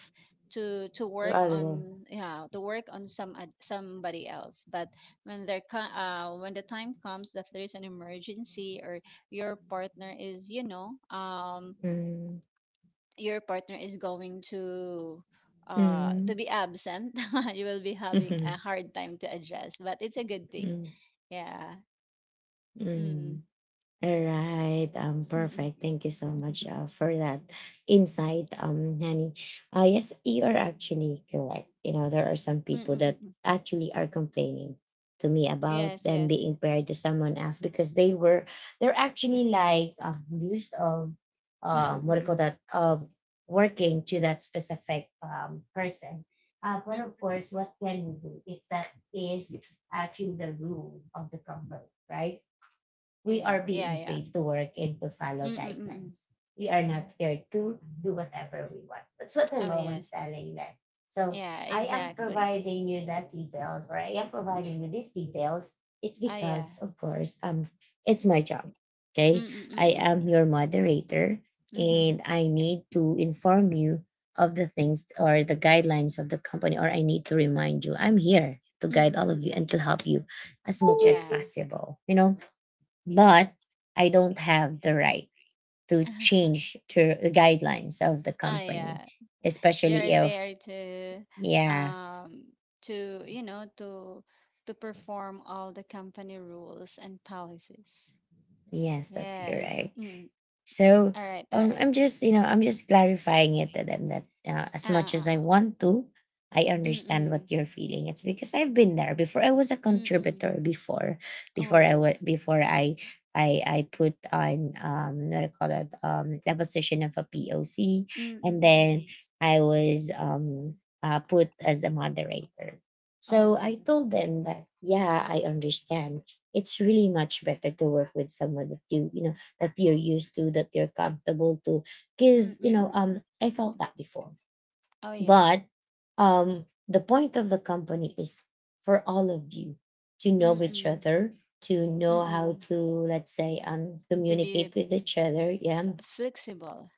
Speaker 2: to
Speaker 1: So
Speaker 2: work
Speaker 1: other.
Speaker 2: on yeah to work on somebody else but when when the time comes that there is an emergency or your partner is you know
Speaker 1: Mm.
Speaker 2: your partner is going
Speaker 1: Mm.
Speaker 2: to be absent you will be having a hard time to adjust, but it's a good thing.
Speaker 1: Mm.
Speaker 2: Yeah. Mm.
Speaker 1: Mm. All right.
Speaker 2: Mm-mm.
Speaker 1: Perfect. Thank you so
Speaker 2: Mhm.
Speaker 1: much for that insight, Nani. Yes, you are actually correct. You know, there are some people that
Speaker 2: Mm-mm-mm.
Speaker 1: actually are complaining to me about
Speaker 2: Yes,
Speaker 1: them
Speaker 2: yes.
Speaker 1: being paired to someone else because they're actually like abused of what do you call
Speaker 2: Mm-mm-mm.
Speaker 1: that of working to that specific person. But
Speaker 2: Mm.
Speaker 1: of course, what can we do if that is actually the rule of the company, right?
Speaker 2: Oh,
Speaker 1: We
Speaker 2: yeah,
Speaker 1: are
Speaker 2: yeah,
Speaker 1: being
Speaker 2: yeah.
Speaker 1: paid to work and to follow
Speaker 2: Mm-mm-mm.
Speaker 1: guidelines. We are not here to do whatever we want. That's what I'm
Speaker 2: Oh, yes.
Speaker 1: always telling them. So
Speaker 2: Yeah,
Speaker 1: I am
Speaker 2: exactly.
Speaker 1: providing you that details, or I am providing you these details. It's
Speaker 2: Oh, yeah.
Speaker 1: because, of course, it's my job. Okay, I am
Speaker 2: Mm-mm-mm.
Speaker 1: your moderator, and
Speaker 2: Mm-mm-mm.
Speaker 1: I need to inform you of the things or the guidelines of the company, or I need to remind you. I'm here to guide all of you and
Speaker 2: Mm-mm-mm.
Speaker 1: to help you as much as
Speaker 2: Yeah.
Speaker 1: possible. You know, but I don't have the right to
Speaker 2: Oh,
Speaker 1: change to the guidelines of the company,
Speaker 2: yeah.
Speaker 1: especially
Speaker 2: You're
Speaker 1: if
Speaker 2: there
Speaker 1: yeah,
Speaker 2: um to to perform all the company rules and policies.
Speaker 1: yes, that's
Speaker 2: Yes.
Speaker 1: correct.
Speaker 2: Mm.
Speaker 1: So
Speaker 2: All right, all right.
Speaker 1: I'm just, you know, I'm just clarifying it to them that as much as I
Speaker 2: Ah.
Speaker 1: want to, I understand what
Speaker 2: Mm-mm,
Speaker 1: you're feeling. It's because I've been there before. I was a
Speaker 2: mm-mm.
Speaker 1: contributor before,
Speaker 2: Oh.
Speaker 1: before I put on what do you call that, the position of a POC, and
Speaker 2: Mm-mm,
Speaker 1: then I was put as a moderator. So I
Speaker 2: oh.
Speaker 1: told them that yeah, I understand. It's really much better to work with someone that you know, that you're used to, that you're comfortable to because
Speaker 2: Mm-mm,
Speaker 1: I felt that before.
Speaker 2: oh, yeah.
Speaker 1: But the point of the company is for all of you to know each
Speaker 2: Mm-mm,
Speaker 1: other, to know how
Speaker 2: mm-mm.
Speaker 1: to, let's say,
Speaker 2: To be
Speaker 1: communicate with each other. Yeah,
Speaker 2: flexible.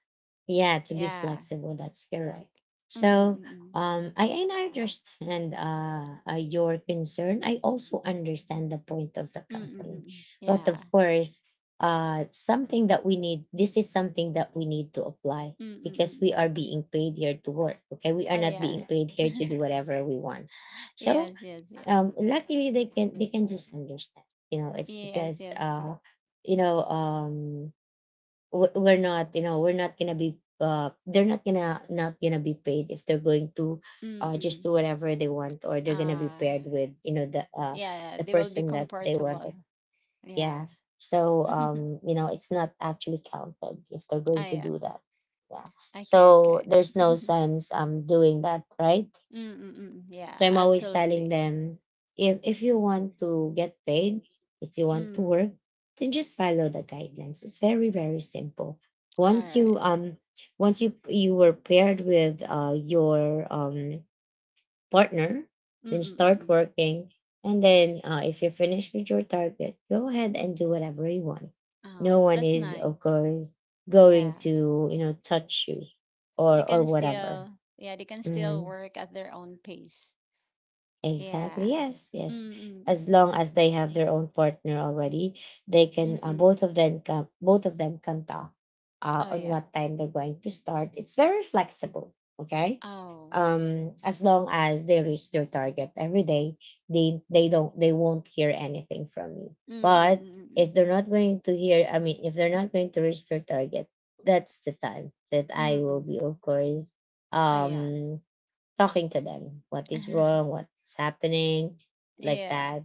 Speaker 1: yeah, to be
Speaker 2: Yeah.
Speaker 1: flexible, that's correct. So
Speaker 2: Mm-mm,
Speaker 1: I and I understand your concern, I also understand the point of the company.
Speaker 2: mm-mm.
Speaker 1: But
Speaker 2: Yeah.
Speaker 1: of course, something that we need this is something that we need to apply because
Speaker 2: Mm-mm,
Speaker 1: we are being paid here to work. Okay, we are
Speaker 2: oh,
Speaker 1: not
Speaker 2: yeah.
Speaker 1: being paid here to do whatever we want. So
Speaker 2: Yes, yes, yes.
Speaker 1: luckily they can just understand, you know. It's
Speaker 2: Yes,
Speaker 1: because
Speaker 2: yes.
Speaker 1: you know um we're not, you know, we're not gonna be they're not gonna be paid if they're going to just
Speaker 2: Mm-mm.
Speaker 1: do whatever they want, or they're gonna be
Speaker 2: Ah,
Speaker 1: paired with, you know,
Speaker 2: yeah,
Speaker 1: the
Speaker 2: they will be
Speaker 1: person that they
Speaker 2: comfortable.
Speaker 1: wanted.
Speaker 2: Yeah.
Speaker 1: Yeah. So you know, it's not actually counted if they're going
Speaker 2: Ah,
Speaker 1: to
Speaker 2: yeah.
Speaker 1: do that. Yeah.
Speaker 2: Okay,
Speaker 1: So
Speaker 2: okay.
Speaker 1: there's no sense doing that, right?
Speaker 2: Mm-mm-mm.
Speaker 1: So
Speaker 2: Yeah,
Speaker 1: I'm always telling
Speaker 2: absolutely.
Speaker 1: them, if you want to get paid, if you want to
Speaker 2: Mm.
Speaker 1: work, then just follow the guidelines. It's very very simple.
Speaker 2: All
Speaker 1: Once
Speaker 2: right.
Speaker 1: you um once you were paired with your partner, then start
Speaker 2: Mm-mm-mm.
Speaker 1: working. And then if you're finished with your target, go ahead and do whatever you want. No
Speaker 2: Oh,
Speaker 1: one
Speaker 2: that's
Speaker 1: is,
Speaker 2: nice.
Speaker 1: of course,
Speaker 2: Yeah.
Speaker 1: going to touch you, or
Speaker 2: They
Speaker 1: or
Speaker 2: can
Speaker 1: whatever.
Speaker 2: still, yeah, they can still
Speaker 1: Mhm.
Speaker 2: work at their own pace. Yeah.
Speaker 1: Exactly. Yes. Yes.
Speaker 2: Mm-mm.
Speaker 1: As long as they have their own partner already, they can
Speaker 2: Mm-mm.
Speaker 1: both of them can talk
Speaker 2: Oh,
Speaker 1: on
Speaker 2: yeah.
Speaker 1: what time they're going to start. It's very flexible. Okay.
Speaker 2: Oh.
Speaker 1: As long as they reach their target every day, they won't hear anything from you. But
Speaker 2: Mm-mm-mm.
Speaker 1: if they're not going to hear, I mean, if they're not going to reach their target, that's the time that I will
Speaker 2: Mm-mm.
Speaker 1: be, of course,
Speaker 2: Oh, yeah.
Speaker 1: um talking to them. What is wrong, what's happening, like
Speaker 2: Yeah.
Speaker 1: that.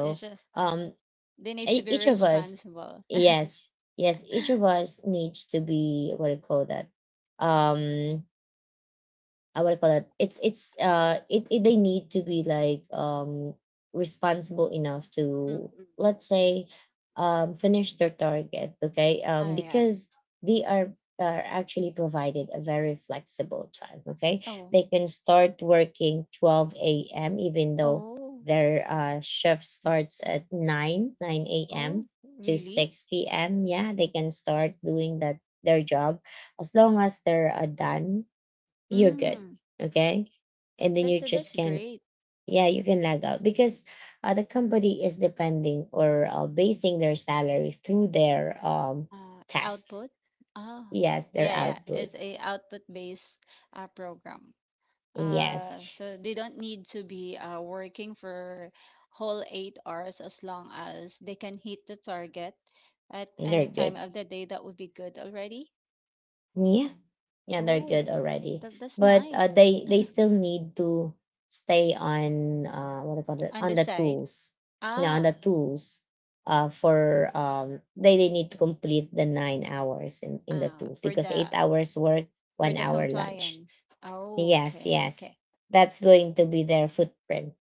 Speaker 2: It's just,
Speaker 1: um
Speaker 2: they need to be
Speaker 1: each of us,
Speaker 2: responsible.
Speaker 1: yes, yes, each of us needs to be, what do you call that, um I would call it, they need to be, like, responsible enough
Speaker 2: Mm,
Speaker 1: to,
Speaker 2: mm.
Speaker 1: let's say, finish their target. Okay.
Speaker 2: Ah, yeah.
Speaker 1: Because they are actually provided a very flexible time. Okay,
Speaker 2: Oh,
Speaker 1: they can start working 12 a.m., even though
Speaker 2: oh,
Speaker 1: their shift starts at 9
Speaker 2: oh,
Speaker 1: a.m to
Speaker 2: really?
Speaker 1: 6 p.m. Yeah, they can start doing that, their job, as long as they're done. You're good.
Speaker 2: Mm,
Speaker 1: Okay. And then
Speaker 2: that's
Speaker 1: you
Speaker 2: so
Speaker 1: just
Speaker 2: that's
Speaker 1: can,
Speaker 2: great.
Speaker 1: yeah, you can lag out because the company is depending or, basing their salary through their test.
Speaker 2: Output. Ah,
Speaker 1: Yes, their
Speaker 2: yeah, yeah.
Speaker 1: output.
Speaker 2: It's a output-based program.
Speaker 1: Yes,
Speaker 2: So they don't need to be working for whole 8 hours as long as they can hit the target at
Speaker 1: they're
Speaker 2: any time
Speaker 1: good.
Speaker 2: of the day. That would be good already.
Speaker 1: Yeah, yeah, they're good
Speaker 2: Oh,
Speaker 1: already,
Speaker 2: that that's
Speaker 1: but
Speaker 2: nice.
Speaker 1: they still need to stay on, what do you call it,
Speaker 2: On
Speaker 1: on
Speaker 2: the
Speaker 1: the
Speaker 2: side.
Speaker 1: tools, you know, on the
Speaker 2: Ah,
Speaker 1: tools. For they need to complete the 9 hours in the
Speaker 2: ah,
Speaker 1: tools
Speaker 2: for
Speaker 1: because eight
Speaker 2: the
Speaker 1: hours work,
Speaker 2: for
Speaker 1: one
Speaker 2: the
Speaker 1: hour lunch.
Speaker 2: compliance. Oh,
Speaker 1: Yes,
Speaker 2: okay,
Speaker 1: yes,
Speaker 2: okay.
Speaker 1: that's going to be their footprint.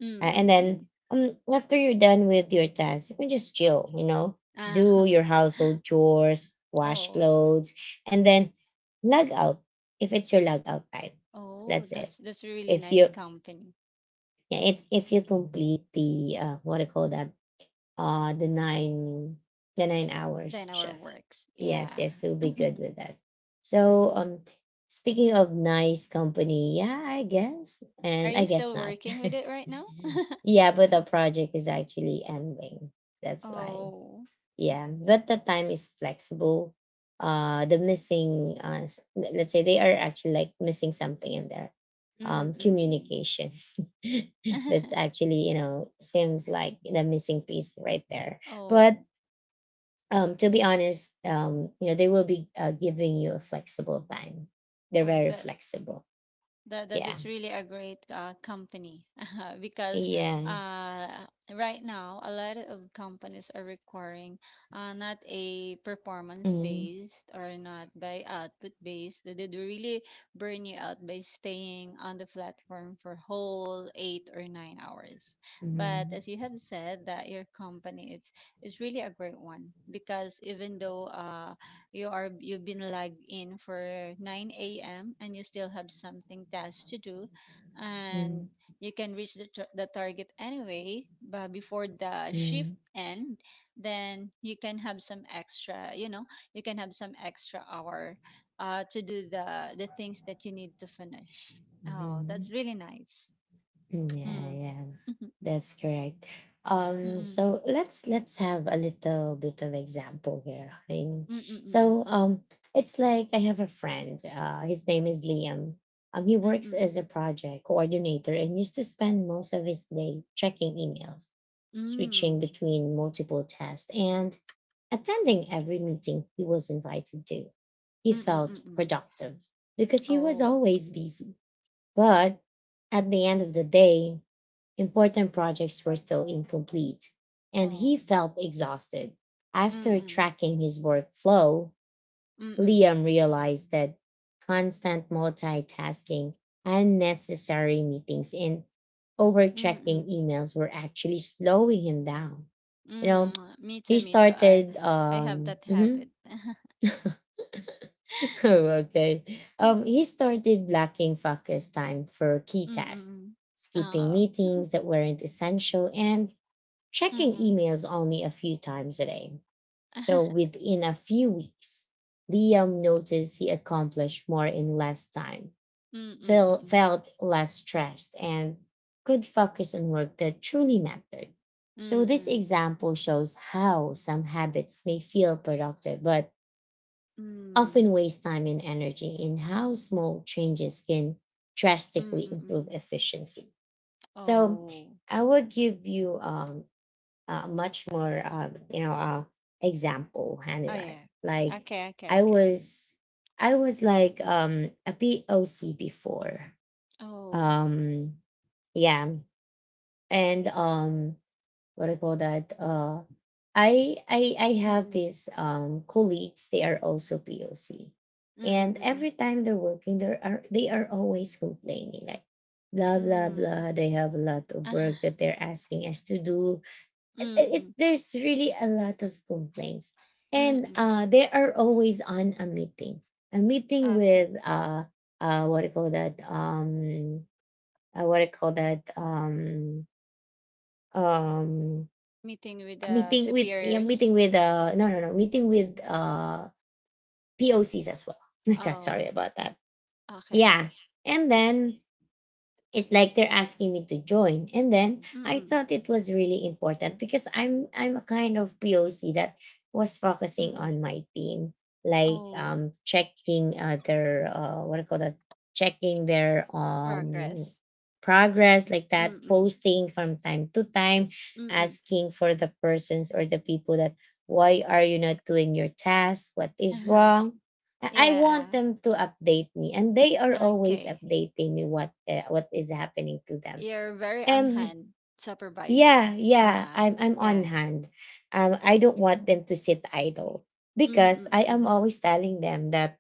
Speaker 2: Mm, mm,
Speaker 1: And
Speaker 2: mm,
Speaker 1: then
Speaker 2: mm.
Speaker 1: after you're done with your task, you can just chill, you know,
Speaker 2: Ah,
Speaker 1: do your household chores, wash
Speaker 2: oh,
Speaker 1: clothes, and then log out if it's your log out time.
Speaker 2: oh,
Speaker 1: That's it.
Speaker 2: that's a really
Speaker 1: If
Speaker 2: nice
Speaker 1: you
Speaker 2: company.
Speaker 1: Yeah, it's, if you complete the what do you call that, uh the nine the 9 hours
Speaker 2: Then our
Speaker 1: shift,
Speaker 2: works.
Speaker 1: yes,
Speaker 2: Yeah.
Speaker 1: yes, he'll be good with that. So speaking of nice company, yeah, I guess
Speaker 2: Are
Speaker 1: and I
Speaker 2: you
Speaker 1: guess
Speaker 2: still
Speaker 1: not.
Speaker 2: working with it right now?
Speaker 1: Yeah, but the project is actually ending, that's why.
Speaker 2: Oh.
Speaker 1: Yeah, but the time is flexible. The missing, let's say they are actually like missing something in there.
Speaker 2: Mm, mm, mm.
Speaker 1: Communication.
Speaker 2: Mm.
Speaker 1: That's actually, you know, seems like the missing piece right there. But
Speaker 2: Oh,
Speaker 1: to be honest, they will be giving you a flexible time. They're
Speaker 2: oh,
Speaker 1: very
Speaker 2: that
Speaker 1: flexible.
Speaker 2: That
Speaker 1: Yeah.
Speaker 2: that's really a great company because
Speaker 1: Yeah.
Speaker 2: uh, right now a lot of companies are requiring not a performance
Speaker 1: Mm-hmm.
Speaker 2: based or not by output based. They really burn you out by staying on the platform for whole 8 or 9 hours. But
Speaker 1: Mm-hmm.
Speaker 2: as you have said, that your company is really a great one because even though you are you've been logged in for 9 a.m. and you still have something tasks to do,
Speaker 1: Mm-hmm.
Speaker 2: and you can reach the target anyway, but before the shift
Speaker 1: Mm-hmm.
Speaker 2: end, then you can have some extra. You know, you can have some extra hour, to do the things that you need to finish. Oh,
Speaker 1: Mm-hmm.
Speaker 2: that's really nice.
Speaker 1: Yeah,
Speaker 2: Mm.
Speaker 1: yeah, that's correct. Um,
Speaker 2: Mm-mm.
Speaker 1: so let's have a little bit of example here. Hein.
Speaker 2: Mm-mm. Mm-mm.
Speaker 1: So it's like I have a friend. His name is Liam. He works as a
Speaker 2: Mm-mm.
Speaker 1: project coordinator and used to spend most of his day checking emails, switching
Speaker 2: Mm.
Speaker 1: between multiple tasks, and attending every meeting he was invited to. He
Speaker 2: Mm-mm.
Speaker 1: felt
Speaker 2: Mm-mm.
Speaker 1: productive because he was
Speaker 2: Oh.
Speaker 1: always busy, but at the end of the day, important projects were still incomplete, and he
Speaker 2: Oh.
Speaker 1: felt exhausted. After
Speaker 2: Mm-mm.
Speaker 1: tracking his workflow,
Speaker 2: Mm-mm.
Speaker 1: Liam realized that constant multitasking, unnecessary meetings, and overchecking
Speaker 2: Mm,
Speaker 1: emails were actually slowing him down. You
Speaker 2: mm,
Speaker 1: know,
Speaker 2: mm. Me
Speaker 1: he
Speaker 2: too, me too.
Speaker 1: started
Speaker 2: I have that
Speaker 1: mhm.
Speaker 2: habit.
Speaker 1: Oh, okay. He started lacking focus time for key tasks,
Speaker 2: Mm-mm.
Speaker 1: skipping
Speaker 2: Oh.
Speaker 1: meetings that weren't essential, and checking
Speaker 2: Mm-mm.
Speaker 1: emails only a few times a day. So within a few weeks, Liam noticed he accomplished more in less time,
Speaker 2: Mm-mm.
Speaker 1: felt less stressed, and could focus on work that truly mattered. So, this
Speaker 2: Mm-mm.
Speaker 1: example shows how some habits may feel productive, but
Speaker 2: Mm.
Speaker 1: often waste time and energy, and how small changes can drastically improve
Speaker 2: Mm-mm.
Speaker 1: efficiency. So,
Speaker 2: Oh.
Speaker 1: I will give you much more example,
Speaker 2: Oh,
Speaker 1: Hannibal.
Speaker 2: yeah.
Speaker 1: Like
Speaker 2: Okay, okay,
Speaker 1: I
Speaker 2: okay.
Speaker 1: was I was like a POC before.
Speaker 2: Oh.
Speaker 1: Um yeah. And what I call that? I have
Speaker 2: Mm-mm.
Speaker 1: these colleagues, they are also POC. And
Speaker 2: Mm-mm.
Speaker 1: every time they're working, there are they are always complaining, like, blah blah
Speaker 2: Mm.
Speaker 1: blah. They have a lot of work
Speaker 2: Ah.
Speaker 1: that they're asking us to do,
Speaker 2: Mm-mm.
Speaker 1: there's really a lot of complaints, and
Speaker 2: Mm-mm.
Speaker 1: they are always on a meeting, a meeting
Speaker 2: Okay.
Speaker 1: with what do you call that, what do you call that, um
Speaker 2: Meeting with the
Speaker 1: meeting with, yeah, meeting
Speaker 2: superiors.
Speaker 1: with, no, no, no, meeting with pocs as well. Like that.
Speaker 2: Oh.
Speaker 1: Sorry about that.
Speaker 2: Okay,
Speaker 1: Yeah.
Speaker 2: okay.
Speaker 1: And then, it's like they're asking me to join, and then I
Speaker 2: Mm-mm.
Speaker 1: thought it was really important because I'm a kind of poc that was focusing
Speaker 2: Mm-mm.
Speaker 1: on my team, like,
Speaker 2: Oh.
Speaker 1: checking their what do you call that, checking their
Speaker 2: Progress.
Speaker 1: progress, like that,
Speaker 2: Mm-mm.
Speaker 1: posting from time to time,
Speaker 2: Mm-mm.
Speaker 1: asking for the persons or the people that, why are you not doing your task, what is
Speaker 2: Uh-huh.
Speaker 1: wrong? I want
Speaker 2: Yeah.
Speaker 1: them to update me, and they are always
Speaker 2: Okay.
Speaker 1: updating me what, what is happening to them.
Speaker 2: You're very on
Speaker 1: And
Speaker 2: hand supervisor.
Speaker 1: yeah, yeah,
Speaker 2: Uh-uh.
Speaker 1: I'm on
Speaker 2: Yeah.
Speaker 1: hand. I don't want them to sit idle because I am
Speaker 2: Mm-mm.
Speaker 1: always telling them that,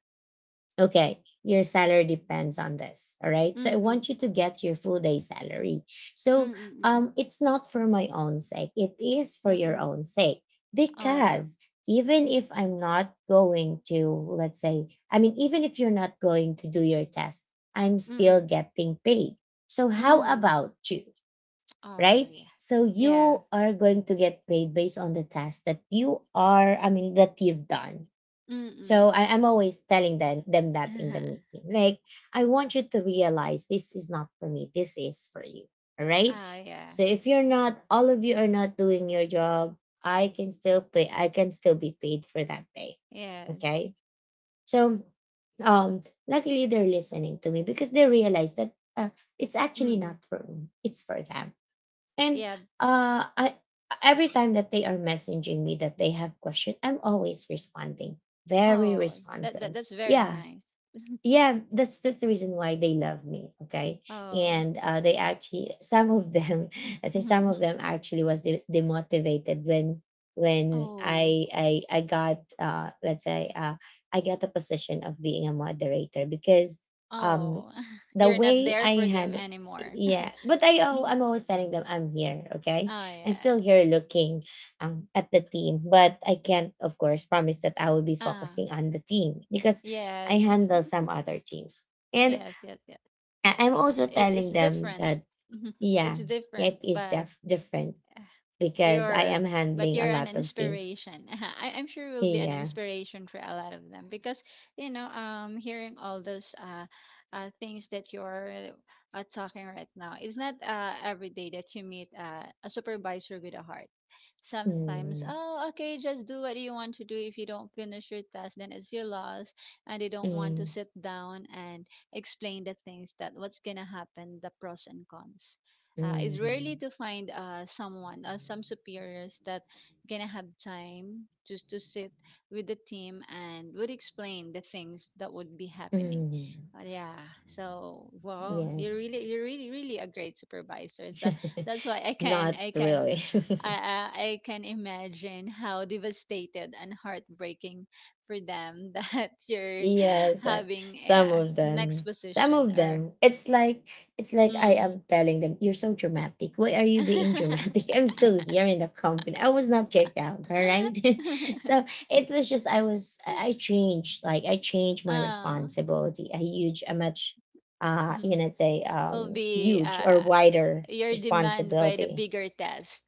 Speaker 1: okay, your salary depends on this. All right. So I
Speaker 2: Mm-mm.
Speaker 1: want you to get your full day salary. So
Speaker 2: Mm-mm.
Speaker 1: it's not for my own sake, it is for your
Speaker 2: Mm-mm.
Speaker 1: own sake.
Speaker 2: All right.
Speaker 1: Because even if I'm not going to, let's say, I mean, even if you're not going to do your test, I'm still
Speaker 2: Mm-mm.
Speaker 1: getting paid. So how
Speaker 2: Mm.
Speaker 1: about you?
Speaker 2: Oh,
Speaker 1: Right?
Speaker 2: yeah.
Speaker 1: So
Speaker 2: Yeah.
Speaker 1: you are going to get paid based on the task that you are, I mean, that you've done. So
Speaker 2: Mm-mm.
Speaker 1: I'm always telling them that in the
Speaker 2: Uh-huh.
Speaker 1: meeting. Like, I want you to realize, this is not for me. This is for you. All right.
Speaker 2: Ah, yeah.
Speaker 1: So if you're not, all of you are not doing your job, I can still pay, I can still be paid for that day.
Speaker 2: Yeah.
Speaker 1: Okay. So luckily they're listening to me because they realize that, it's actually
Speaker 2: Mm-mm.
Speaker 1: not for me, it's for them. And
Speaker 2: Yeah.
Speaker 1: I, every time that they are messaging me that they have question, I'm always responding, very
Speaker 2: Oh, that, that
Speaker 1: responsive.
Speaker 2: that's very
Speaker 1: Yeah,
Speaker 2: nice.
Speaker 1: yeah, that's the reason why they love me, okay.
Speaker 2: Oh.
Speaker 1: And they actually, some of them, I say some of
Speaker 2: Mm-hmm.
Speaker 1: them actually was demotivated when, when
Speaker 2: Oh.
Speaker 1: i i i got let's say I got the position of being a moderator, because um
Speaker 2: Oh.
Speaker 1: the
Speaker 2: You're not
Speaker 1: way
Speaker 2: there
Speaker 1: I
Speaker 2: for them
Speaker 1: had,
Speaker 2: anymore.
Speaker 1: yeah, but I, oh, I'm always telling them, I'm here, okay.
Speaker 2: Oh,
Speaker 1: I'm still
Speaker 2: yeah.
Speaker 1: here looking at the team, but I can't, of course, promise that I will be
Speaker 2: Ah.
Speaker 1: focusing on the team because
Speaker 2: Yes.
Speaker 1: I handle some other teams. And
Speaker 2: Yes, yes, yes.
Speaker 1: I'm also
Speaker 2: It's
Speaker 1: telling them
Speaker 2: different.
Speaker 1: that,
Speaker 2: It's
Speaker 1: yeah,
Speaker 2: different,
Speaker 1: it is different, because I
Speaker 2: You're,
Speaker 1: am
Speaker 2: but
Speaker 1: handling a
Speaker 2: you're an
Speaker 1: lot of teams.
Speaker 2: inspiration. I, I'm sure will be an
Speaker 1: Yeah.
Speaker 2: inspiration for a lot of them because you know, hearing all those things that you're talking right now, it's not every day that you meet a supervisor with a heart. Sometimes,
Speaker 1: Mm,
Speaker 2: oh, okay, just do what you want to do. If you don't finish your task, then it's your loss, and they don't want to
Speaker 1: mm,
Speaker 2: sit down and explain the things that what's gonna happen, the pros and cons is
Speaker 1: mm,
Speaker 2: rarely to find some superiors that gonna have time to sit with the team and would explain the things that would be happening.
Speaker 1: mm.
Speaker 2: Yeah, so wow,
Speaker 1: Yes.
Speaker 2: you're really really a great supervisor that that's why I can
Speaker 1: Not
Speaker 2: I can
Speaker 1: really.
Speaker 2: I, I can imagine how devastated and heartbreaking for them that you're
Speaker 1: Yes,
Speaker 2: having
Speaker 1: some
Speaker 2: a
Speaker 1: of
Speaker 2: next
Speaker 1: them. Some
Speaker 2: position
Speaker 1: of
Speaker 2: or
Speaker 1: them. It's like, I am
Speaker 2: mm
Speaker 1: telling them, you're so dramatic. Why are you being
Speaker 2: mm.
Speaker 1: dramatic? I'm still here in the company. I was not kicked out, all right? So it was just, I changed, like, I changed my
Speaker 2: Ah,
Speaker 1: responsibility. A huge, a much you
Speaker 2: mhm.
Speaker 1: know say
Speaker 2: Will be
Speaker 1: huge or wider
Speaker 2: your demand by the
Speaker 1: responsibility.
Speaker 2: bigger test.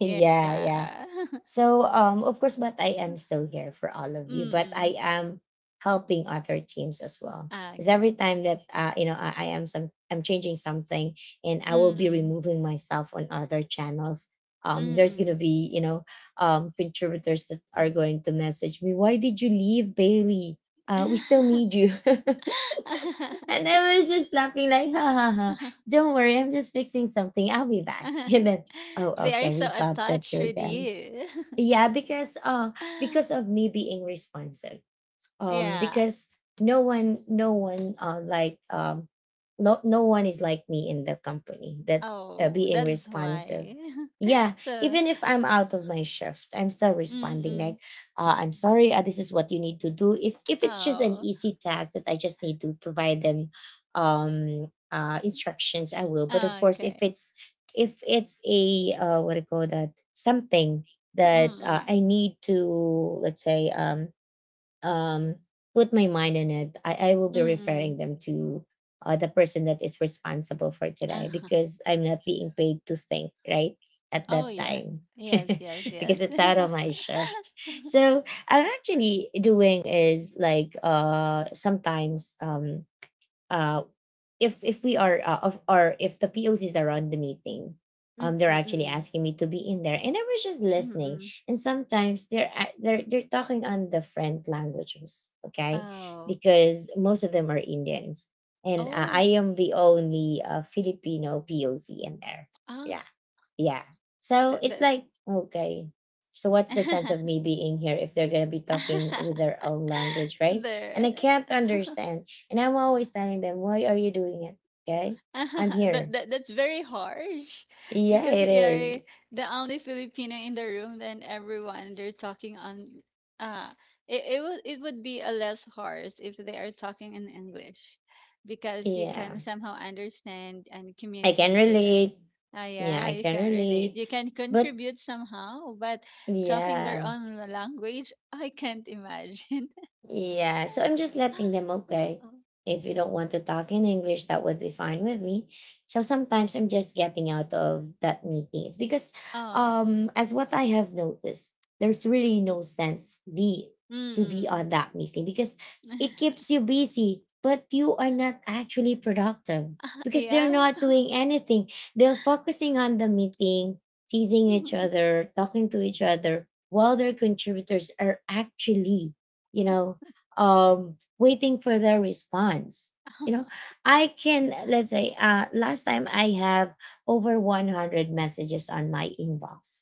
Speaker 2: Yeah.
Speaker 1: yeah. So, of course, but I am still here for all of you, but
Speaker 2: Mm-mm.
Speaker 1: I am helping other teams as well. Because every
Speaker 2: Okay.
Speaker 1: time that you know, I am some, I'm changing something, and I will be
Speaker 2: Mm-mm.
Speaker 1: removing myself on other channels. There's gonna
Speaker 2: Mm-mm.
Speaker 1: be, you know, contributors that are going to message me. Why did you leave, Bailey? We still need you. And I was just laughing like, ha ha ha. Don't worry, I'm just fixing something. I'll be back. And then, oh
Speaker 2: They are
Speaker 1: okay,
Speaker 2: so
Speaker 1: we thought that
Speaker 2: attached
Speaker 1: you're
Speaker 2: with
Speaker 1: done.
Speaker 2: you.
Speaker 1: Yeah, because of me being responsive.
Speaker 2: Yeah.
Speaker 1: Because no one no one uh like um no one is like me in the company that,
Speaker 2: Oh,
Speaker 1: being
Speaker 2: that's
Speaker 1: responsive.
Speaker 2: why.
Speaker 1: Yeah.
Speaker 2: So,
Speaker 1: Even if I'm out of my shift, I'm still responding, like,
Speaker 2: mm-mm.
Speaker 1: I'm sorry, this is what you need to do, if, it's just an
Speaker 2: Oh,
Speaker 1: easy task that I just need to provide them instructions, I will. But of course, if
Speaker 2: okay.
Speaker 1: it's, if it's a what do you call that, something that I
Speaker 2: Mm-mm.
Speaker 1: need to, let's say, um, put my mind in it, I will be referring
Speaker 2: Mm-mm.
Speaker 1: them to the person that is responsible for today because I'm not being paid to think, right? At
Speaker 2: Oh,
Speaker 1: that
Speaker 2: yeah.
Speaker 1: time.
Speaker 2: Yes, yes, yes.
Speaker 1: Because it's out of my shift. So I'm actually doing is like sometimes uh, if we are of, or if the POCs are on the meeting,
Speaker 2: Mm,
Speaker 1: they're
Speaker 2: mm,
Speaker 1: actually
Speaker 2: mm,
Speaker 1: asking me to be in there, and I was just
Speaker 2: mm, mm.
Speaker 1: listening.
Speaker 2: Mm.
Speaker 1: And sometimes they're talking on the friend languages, okay,
Speaker 2: Oh,
Speaker 1: because most of them are Indians, and
Speaker 2: oh,
Speaker 1: I am the only Filipino POC in there.
Speaker 2: ah,
Speaker 1: Yeah, yeah. So
Speaker 2: that,
Speaker 1: it's
Speaker 2: that.
Speaker 1: like, okay. So what's the sense of me being here if they're gonna be talking with their own language, right? And
Speaker 2: There.
Speaker 1: I can't understand. And I'm always telling them, why are you doing it? Okay. I'm here.
Speaker 2: That, that that's very harsh
Speaker 1: Yeah,
Speaker 2: because
Speaker 1: it
Speaker 2: you're
Speaker 1: is.
Speaker 2: the only Filipino in the room and everyone they're talking on uh it, it would be a less harsh if they are talking in English because you
Speaker 1: Yeah,
Speaker 2: can somehow understand and
Speaker 1: I can
Speaker 2: communicate with it.
Speaker 1: relate.
Speaker 2: Ah,
Speaker 1: Yeah,
Speaker 2: yeah,
Speaker 1: I
Speaker 2: you
Speaker 1: can
Speaker 2: can relate.
Speaker 1: relate.
Speaker 2: You can
Speaker 1: But
Speaker 2: contribute somehow, but talking their
Speaker 1: yeah.
Speaker 2: own language, I can't imagine.
Speaker 1: Yeah, so I'm just letting them, okay. If you don't want to talk in English, that would be fine with me. So sometimes I'm just getting out of that meeting. It's because
Speaker 2: Oh.
Speaker 1: as what I have noticed, there's really no sense be to be
Speaker 2: Mm.
Speaker 1: on that meeting because it keeps you busy, but you are not actually productive because
Speaker 2: Yeah.
Speaker 1: they're not doing anything. They're focusing on the meeting, teasing each other, talking to each other, while their contributors are actually you know, waiting for their response. You know, I can, let's say last time I have over 100 messages on my inbox,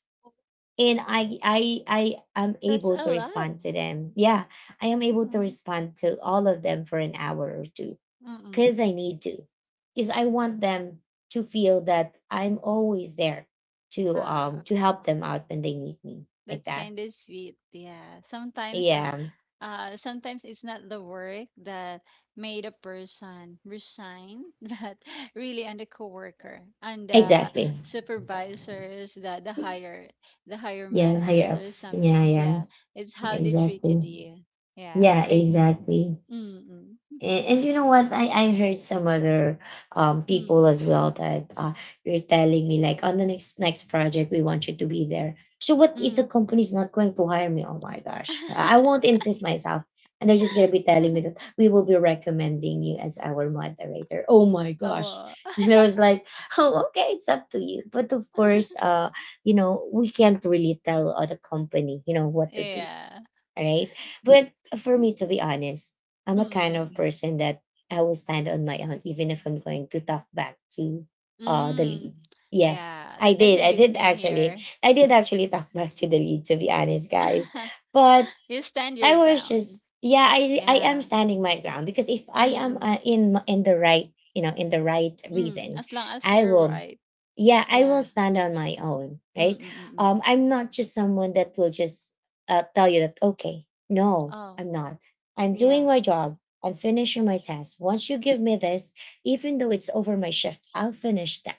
Speaker 2: Oh,
Speaker 1: and I am
Speaker 2: that's
Speaker 1: able
Speaker 2: a
Speaker 1: to
Speaker 2: lot.
Speaker 1: respond to them. Yeah, I am able to
Speaker 2: Mhm,
Speaker 1: respond to all of them for an hour or two
Speaker 2: mm.
Speaker 1: because I need to, because I want them to feel that I'm always there
Speaker 2: Ah,
Speaker 1: to help them out when they need me, like
Speaker 2: that's
Speaker 1: that.
Speaker 2: kind of sweet. Yeah. Sometimes,
Speaker 1: Yeah,
Speaker 2: sometimes it's not the work that made a person resign, but really on the coworker, on the
Speaker 1: exactly.
Speaker 2: supervisors, the higher, the higher
Speaker 1: Yeah, higher
Speaker 2: managers or
Speaker 1: ups.
Speaker 2: some
Speaker 1: Yeah,
Speaker 2: things.
Speaker 1: yeah,
Speaker 2: Yeah, it's
Speaker 1: yeah.
Speaker 2: how they treated
Speaker 1: Exactly.
Speaker 2: you. Yeah.
Speaker 1: Yeah,
Speaker 2: I.
Speaker 1: exactly.
Speaker 2: Mm.
Speaker 1: And you know what? I heard some other people
Speaker 2: Mm.
Speaker 1: as well that you're telling me like, on the next project we want you to be there. So what if the
Speaker 2: Mm.
Speaker 1: company's not going to hire me? Oh my gosh, I won't insist myself, and they're just gonna be telling me
Speaker 2: Mm.
Speaker 1: that we will be recommending you as our moderator. Oh my gosh,
Speaker 2: Oh.
Speaker 1: and I was like, oh okay, it's up to you. But of course, you know, we can't really tell other company you know what to do,
Speaker 2: Yeah.
Speaker 1: right? But for me, to be honest, I'm a kind of
Speaker 2: Mm,
Speaker 1: person that I will stand on my own, even if I'm going to talk back to the
Speaker 2: mm.
Speaker 1: lead. Yes,
Speaker 2: Yeah,
Speaker 1: I
Speaker 2: that that's
Speaker 1: did.
Speaker 2: a
Speaker 1: I
Speaker 2: good
Speaker 1: did
Speaker 2: thing
Speaker 1: actually.
Speaker 2: here.
Speaker 1: I did actually talk back to the lead, to be honest, guys. But
Speaker 2: You stand your
Speaker 1: I was
Speaker 2: ground.
Speaker 1: just, yeah, I am
Speaker 2: Yeah.
Speaker 1: standing my ground because if I
Speaker 2: Mm,
Speaker 1: am
Speaker 2: mm,
Speaker 1: in the right, you know, in the right
Speaker 2: mm.
Speaker 1: reason,
Speaker 2: As long as
Speaker 1: I
Speaker 2: you're
Speaker 1: will
Speaker 2: right.
Speaker 1: yeah, I will
Speaker 2: Yeah.
Speaker 1: stand on my own,
Speaker 2: Mm,
Speaker 1: right?
Speaker 2: mm, mm, mm.
Speaker 1: I'm not just someone that will just tell you that okay. No,
Speaker 2: Oh,
Speaker 1: I'm not. I'm doing
Speaker 2: yeah.
Speaker 1: my job. I'm finishing my task. Once you give me this, even though it's over my shift, I'll finish that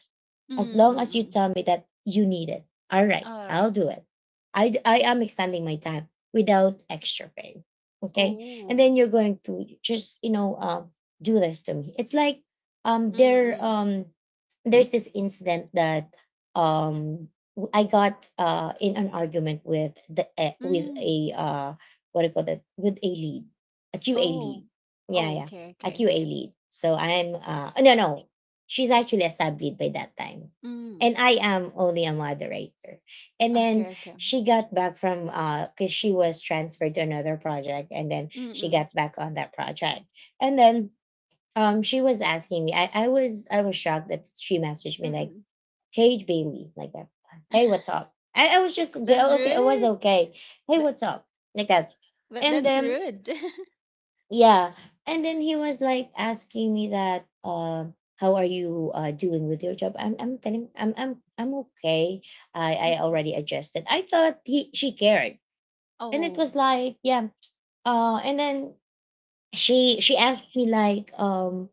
Speaker 2: Mm,
Speaker 1: as
Speaker 2: mm,
Speaker 1: long as
Speaker 2: mm.
Speaker 1: you
Speaker 2: Mm.
Speaker 1: tell me that you need it. All right,
Speaker 2: All right.
Speaker 1: I'll do it. I am extending my time without extra pay. Okay. And
Speaker 2: Oh.
Speaker 1: then you're going to just, you know, do this to me. It's like um
Speaker 2: Mm,
Speaker 1: there
Speaker 2: mm,
Speaker 1: um there's this incident that I got in an argument with the with
Speaker 2: mm.
Speaker 1: a what do you call that, with a lead, a QA lead.
Speaker 2: Oh.
Speaker 1: Yeah,
Speaker 2: Oh,
Speaker 1: yeah.
Speaker 2: okay,
Speaker 1: A
Speaker 2: okay,
Speaker 1: QA
Speaker 2: okay.
Speaker 1: lead. So I'm no no she's actually established by that time, and
Speaker 2: Mm.
Speaker 1: I am only a moderator, and then
Speaker 2: Okay, okay.
Speaker 1: she got back from because she was transferred to another project and then
Speaker 2: Mm,
Speaker 1: she
Speaker 2: mm,
Speaker 1: got back on that project, and then she was asking me. I was shocked that she messaged me
Speaker 2: mm,
Speaker 1: like,
Speaker 2: mm.
Speaker 1: "Hey Bailey," like that, "Hey, what's up?" I was just okay,
Speaker 2: That's
Speaker 1: okay, I was
Speaker 2: rude.
Speaker 1: okay, "Hey,
Speaker 2: That,
Speaker 1: what's up?" like that.
Speaker 2: but
Speaker 1: And
Speaker 2: that's
Speaker 1: then
Speaker 2: rude.
Speaker 1: yeah. And then he was like asking me that, how are you doing with your job? I'm okay. I,
Speaker 2: Mm,
Speaker 1: I
Speaker 2: mm, mm.
Speaker 1: already adjusted. I thought he, she cared, and it
Speaker 2: Oh.
Speaker 1: was like, yeah. And then she asked me like,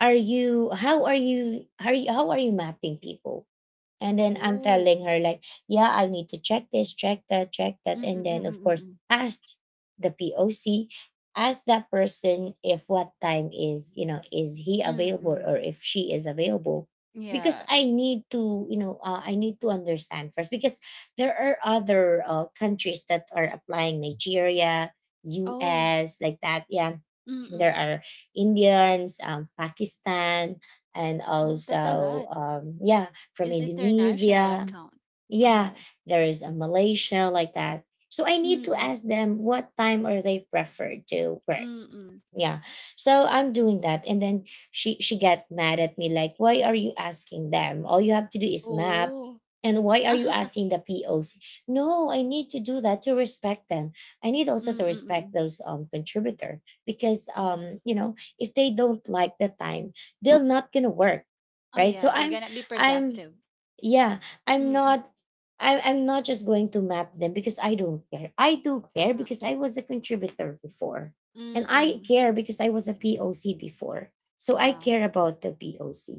Speaker 1: are you, how are you, how are you, how are you mapping people? And then I'm
Speaker 2: Oh.
Speaker 1: telling her like, yeah, I need to check this, check that, check that.
Speaker 2: Mm,
Speaker 1: And
Speaker 2: mm,
Speaker 1: then of course
Speaker 2: mm,
Speaker 1: asked the POC, ask that person if what time is, you know, is he
Speaker 2: mm.
Speaker 1: available
Speaker 2: Mm.
Speaker 1: or if she is available. Because
Speaker 2: Yeah.
Speaker 1: I need to, you know, I need to understand first because there are other countries that are applying: Nigeria,
Speaker 2: Oh.
Speaker 1: US, like that. Yeah,
Speaker 2: Mm-mm.
Speaker 1: there are Indians, Pakistan, and
Speaker 2: Oh, that's a
Speaker 1: also
Speaker 2: lot.
Speaker 1: yeah, from
Speaker 2: It's international
Speaker 1: Indonesia.
Speaker 2: account.
Speaker 1: Yeah,
Speaker 2: Oh.
Speaker 1: there is a Malaysia, like that. So I need to
Speaker 2: Mm-mm.
Speaker 1: ask them what time are they preferred to work.
Speaker 2: Mm-mm.
Speaker 1: yeah so I'm doing that, and then she get mad at me like, why are you asking them? All you have to do is map.
Speaker 2: Oh.
Speaker 1: And why are you asking the POC? No, I need to do that to respect them. I need also to respect
Speaker 2: Mm-mm.
Speaker 1: those contributor because
Speaker 2: Mm.
Speaker 1: you know, if they don't like the time, they're not gonna work,
Speaker 2: Oh,
Speaker 1: right? so
Speaker 2: yeah, they're
Speaker 1: i'm
Speaker 2: gonna be
Speaker 1: i'm
Speaker 2: productive.
Speaker 1: yeah i'm
Speaker 2: Mm-mm.
Speaker 1: not I, i'm not just going to map them because I don't care. I do care,
Speaker 2: Ah.
Speaker 1: because I was a contributor before, and I
Speaker 2: Mm-mm.
Speaker 1: care because I was a POC before. So I
Speaker 2: Wow.
Speaker 1: care about the POC.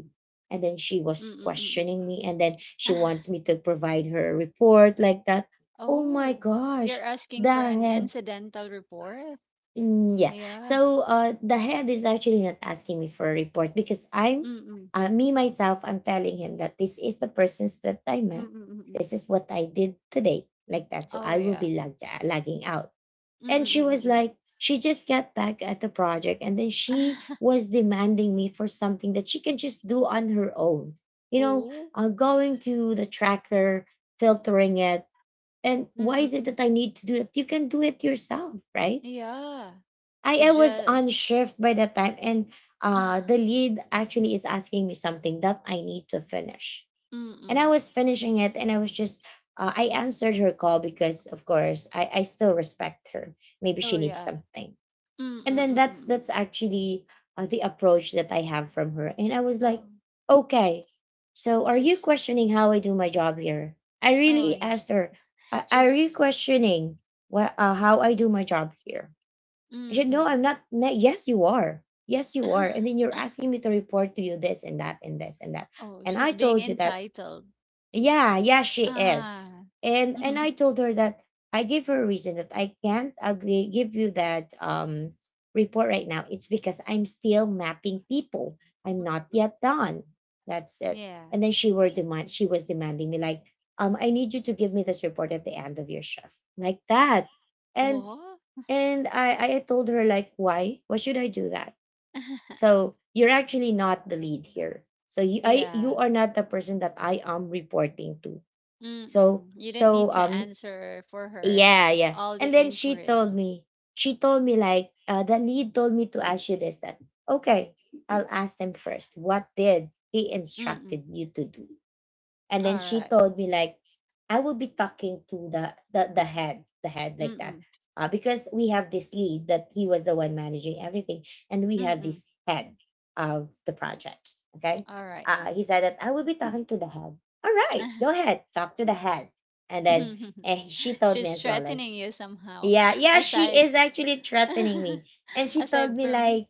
Speaker 1: And then she was
Speaker 2: Mm-mm. Mm-mm.
Speaker 1: questioning me, and then she wants me to provide her a report, like that. Oh my
Speaker 2: Oh, you're
Speaker 1: gosh,
Speaker 2: asking for an
Speaker 1: dang it.
Speaker 2: incidental report?
Speaker 1: Mm, yeah.
Speaker 2: Yeah.
Speaker 1: So the head is actually not asking me for a report because I'm,
Speaker 2: Mm-mm.
Speaker 1: me myself, I'm telling him that this is the persons that I met.
Speaker 2: Mm-mm. Mm-mm.
Speaker 1: This is what I did today, like that. So
Speaker 2: Oh,
Speaker 1: I will
Speaker 2: yeah.
Speaker 1: be lagging out. And she was
Speaker 2: Mm-mm.
Speaker 1: like, she just got back at the project, and then she
Speaker 2: Mm-mm.
Speaker 1: was demanding me for something that she can just do on her own. You know,
Speaker 2: Oh.
Speaker 1: going to the tracker, filtering it. And why is it that I need to do it? You can do it yourself, right?
Speaker 2: Yeah,
Speaker 1: I
Speaker 2: it's
Speaker 1: was
Speaker 2: just
Speaker 1: on shift by that time, and the lead actually is asking me something that I need to finish. And I
Speaker 2: mm.
Speaker 1: was finishing it, and I was just I answered her call because of course I still respect her. Maybe
Speaker 2: Oh,
Speaker 1: she needs
Speaker 2: yeah.
Speaker 1: something.
Speaker 2: Mm,
Speaker 1: And
Speaker 2: mm,
Speaker 1: then
Speaker 2: mm,
Speaker 1: that's
Speaker 2: mm, mm.
Speaker 1: that's actually the approach that I have from her. And I was like,
Speaker 2: Oh,
Speaker 1: okay, so are you
Speaker 2: she's
Speaker 1: questioning how I do my job here? I
Speaker 2: oh,
Speaker 1: really
Speaker 2: yeah.
Speaker 1: asked her, Are
Speaker 2: She's
Speaker 1: you questioning what, how I do my job here?" I
Speaker 2: mm.
Speaker 1: said, no,
Speaker 2: Mm.
Speaker 1: I'm not. No, yes, you are. Yes, you are. And then you're asking me to report to you this and that and this and that.
Speaker 2: Oh,
Speaker 1: And I
Speaker 2: she's being
Speaker 1: told you that,
Speaker 2: entitled.
Speaker 1: yeah, yeah, she is.
Speaker 2: Ah.
Speaker 1: And
Speaker 2: Mm,
Speaker 1: I told her that I gave her a reason that I can't give you that report right now. It's because I'm still mapping people. I'm not
Speaker 2: mm.
Speaker 1: yet done. That's it.
Speaker 2: Yeah.
Speaker 1: And then she was demanding me like, I need you to give me this report at the end of your shift, like that. And
Speaker 2: What?
Speaker 1: and I told her like, why? Why should I do that? So you're actually not the lead here. You
Speaker 2: Yeah.
Speaker 1: are not the person that I am reporting to.
Speaker 2: Mm,
Speaker 1: So
Speaker 2: mm. You didn't
Speaker 1: so
Speaker 2: need to
Speaker 1: um
Speaker 2: answer for her
Speaker 1: yeah, yeah.
Speaker 2: all the
Speaker 1: And then she told
Speaker 2: inquiries.
Speaker 1: me, she told me like, the lead told me to ask you this. That okay, I'll ask them first. What did he
Speaker 2: Mm, mm.
Speaker 1: instructed you to do? And then
Speaker 2: All
Speaker 1: she
Speaker 2: right.
Speaker 1: told me like, I will be talking to the head, the head, like
Speaker 2: Mm,
Speaker 1: that,
Speaker 2: mm.
Speaker 1: because we have this lead that he was the one managing everything, and we have
Speaker 2: Mm, mm.
Speaker 1: this head of the project. Okay.
Speaker 2: All right.
Speaker 1: He said that I will be talking to the head. All right, go ahead, talk to the head. And then, and she told me
Speaker 2: She's
Speaker 1: as well like,
Speaker 2: threatening you somehow
Speaker 1: yeah, yeah, she
Speaker 2: aside
Speaker 1: is actually threatening me. And she told
Speaker 2: aside
Speaker 1: me
Speaker 2: from
Speaker 1: like,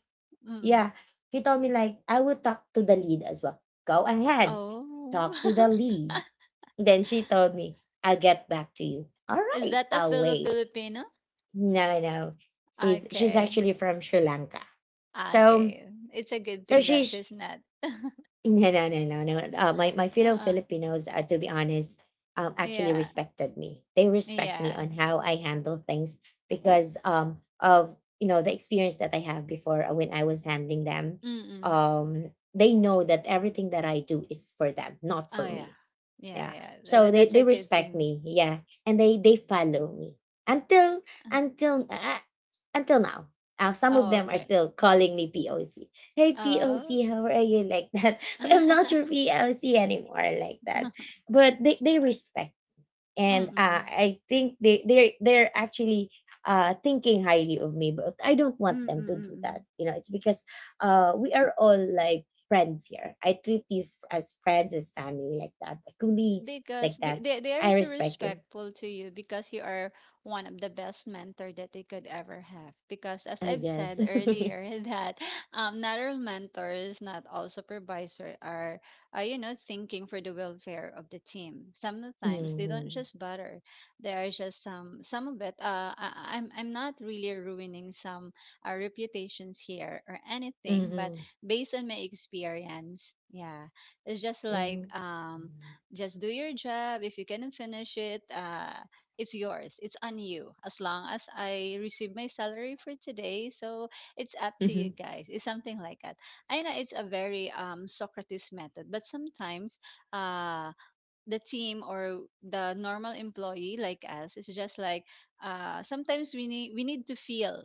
Speaker 2: mm.
Speaker 1: yeah, she told me like, I will talk to the lead as well. Go ahead,
Speaker 2: Oh.
Speaker 1: talk to the lead. Then she told me, I'll get back to you. All
Speaker 2: Is
Speaker 1: right,
Speaker 2: that a
Speaker 1: I'll
Speaker 2: fellow
Speaker 1: wait.
Speaker 2: Filipino?
Speaker 1: No, no. She's
Speaker 2: Okay.
Speaker 1: actually from Sri Lanka. So
Speaker 2: Okay. It's a good
Speaker 1: so
Speaker 2: thing that
Speaker 1: she's
Speaker 2: she's not.
Speaker 1: no no no no no. My fellow
Speaker 2: Uh,
Speaker 1: Filipinos, to be honest, actually
Speaker 2: yeah.
Speaker 1: respected me. They respect me
Speaker 2: Yeah.
Speaker 1: on how I handle things because of, you know, the experience that I have before when I was handling them.
Speaker 2: Mm-mm.
Speaker 1: They know that everything that I do is for them, not
Speaker 2: Oh,
Speaker 1: for
Speaker 2: yeah.
Speaker 1: me,
Speaker 2: Yeah,
Speaker 1: yeah,
Speaker 2: yeah.
Speaker 1: so they
Speaker 2: That's
Speaker 1: they
Speaker 2: a good
Speaker 1: respect
Speaker 2: thing.
Speaker 1: me, yeah, and they follow me until
Speaker 2: Uh,
Speaker 1: until uh, uh, until now. Some of
Speaker 2: Oh,
Speaker 1: them are
Speaker 2: okay.
Speaker 1: still calling me poc. Hey poc,
Speaker 2: Oh.
Speaker 1: how are you, like that. I'm not your poc anymore, like that. But they respect. And
Speaker 2: Mm-mm. Mm-mm.
Speaker 1: I think they're actually thinking highly of me, but I don't want them to do that.
Speaker 2: Mm-mm.
Speaker 1: You know, it's because we are all like friends here. I treat you as friends, as family, like that, colleagues,
Speaker 2: Because
Speaker 1: like that.
Speaker 2: they are
Speaker 1: I
Speaker 2: so
Speaker 1: respect him,
Speaker 2: respectful to you because you are one of the best mentor that they could ever have, because as
Speaker 1: I
Speaker 2: I've
Speaker 1: guess.
Speaker 2: said earlier, that not all mentors, not all supervisor are thinking for the welfare of the team. Sometimes they don't
Speaker 1: Mm-hmm.
Speaker 2: just bother. There are just some of it. I'm not really ruining some reputations here or anything, but
Speaker 1: Mm-hmm.
Speaker 2: based on my experience, yeah, it's just like,
Speaker 1: Mm-hmm.
Speaker 2: just do your job. If you cannot finish it, it's yours. It's on you. As long as I receive my salary for today, so it's up to
Speaker 1: Mm-hmm.
Speaker 2: you guys. It's something like that. I know it's a very, Socrates method, but sometimes, uh, the team or the normal employee like us is just like, sometimes we need to feel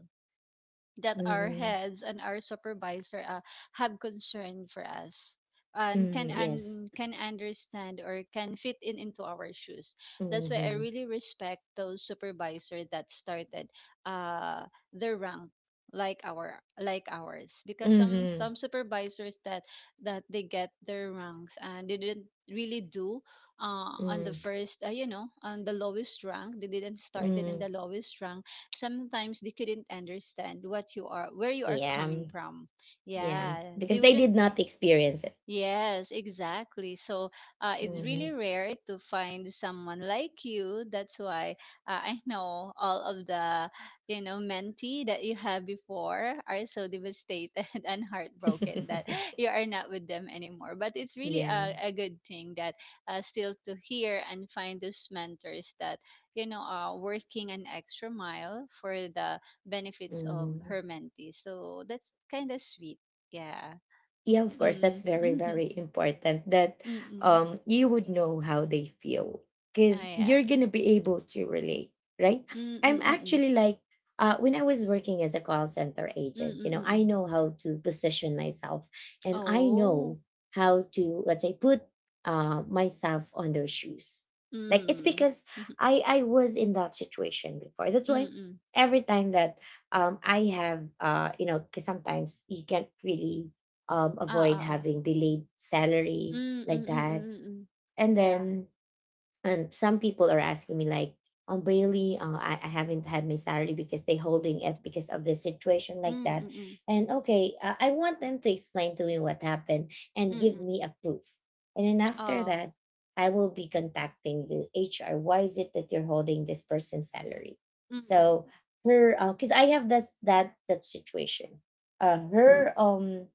Speaker 2: that our
Speaker 1: Mm-hmm.
Speaker 2: heads and our supervisor, have concern for us,
Speaker 1: Mm-hmm. Yes.
Speaker 2: and can understand or can fit in into our shoes. That's why I
Speaker 1: Mm-hmm.
Speaker 2: really respect those supervisor that started, uh their rank, like ours, because some
Speaker 1: Mm-hmm.
Speaker 2: some supervisors that they get their ranks and they didn't really do on the
Speaker 1: Mm-hmm.
Speaker 2: first, on the lowest rank. They didn't started in
Speaker 1: Mm-hmm.
Speaker 2: the lowest rank. Sometimes they couldn't understand what you are, where you are
Speaker 1: Yeah.
Speaker 2: coming from.
Speaker 1: Yeah.
Speaker 2: Yeah,
Speaker 1: Because
Speaker 2: they
Speaker 1: they did
Speaker 2: wouldn't.
Speaker 1: not experience it.
Speaker 2: Yes, exactly. So, it's
Speaker 1: Mhm.
Speaker 2: really rare to find someone like you. That's why, I know all of the mentee that you had before are so devastated and heartbroken that you are not with them anymore. But it's really
Speaker 1: Yeah.
Speaker 2: a good thing that, still to hear and find those mentors that are working an extra mile for the benefits of
Speaker 1: Mhm.
Speaker 2: her mentee. So that's kind of sweet. Yeah.
Speaker 1: Yeah, of course, that's
Speaker 2: Mm.
Speaker 1: very very important that
Speaker 2: Mm-mm.
Speaker 1: you would know how they feel
Speaker 2: Kaya, Mm,
Speaker 1: because
Speaker 2: ayan.
Speaker 1: you're gonna be able to relate, right.
Speaker 2: Hmm,
Speaker 1: I'm
Speaker 2: mm, mm.
Speaker 1: actually like when I was working as a call center
Speaker 2: Mm,
Speaker 1: agent, you know, I
Speaker 2: mm.
Speaker 1: know how to position myself, and I
Speaker 2: Oh,
Speaker 1: know how to, let's say, put myself on their shoes, like it's
Speaker 2: hmm.
Speaker 1: because
Speaker 2: Mhm,
Speaker 1: I was in that situation before. That's why
Speaker 2: mm.
Speaker 1: every time that I have you know, because sometimes you can't really
Speaker 2: Oo,
Speaker 1: avoid
Speaker 2: oo.
Speaker 1: having delayed salary,
Speaker 2: Hmm, mm, mm,
Speaker 1: like
Speaker 2: mm.
Speaker 1: that.
Speaker 2: Mm, mm. Mm.
Speaker 1: And
Speaker 2: Yeah.
Speaker 1: then, and some people are asking me like, Bailey, I haven't had my salary because they holding it because of the situation, like
Speaker 2: Hmm,
Speaker 1: that.
Speaker 2: mm.
Speaker 1: And okay, I want them to explain to me what happened and give
Speaker 2: Mm.
Speaker 1: me a proof. And then after
Speaker 2: Oo.
Speaker 1: that, I will be contacting the HR. Why is it that you're holding this person's salary?
Speaker 2: Mm, oh. Mm.
Speaker 1: So
Speaker 2: Mm.
Speaker 1: her, because I have this that that situation.
Speaker 2: Mm.
Speaker 1: Mm. Her um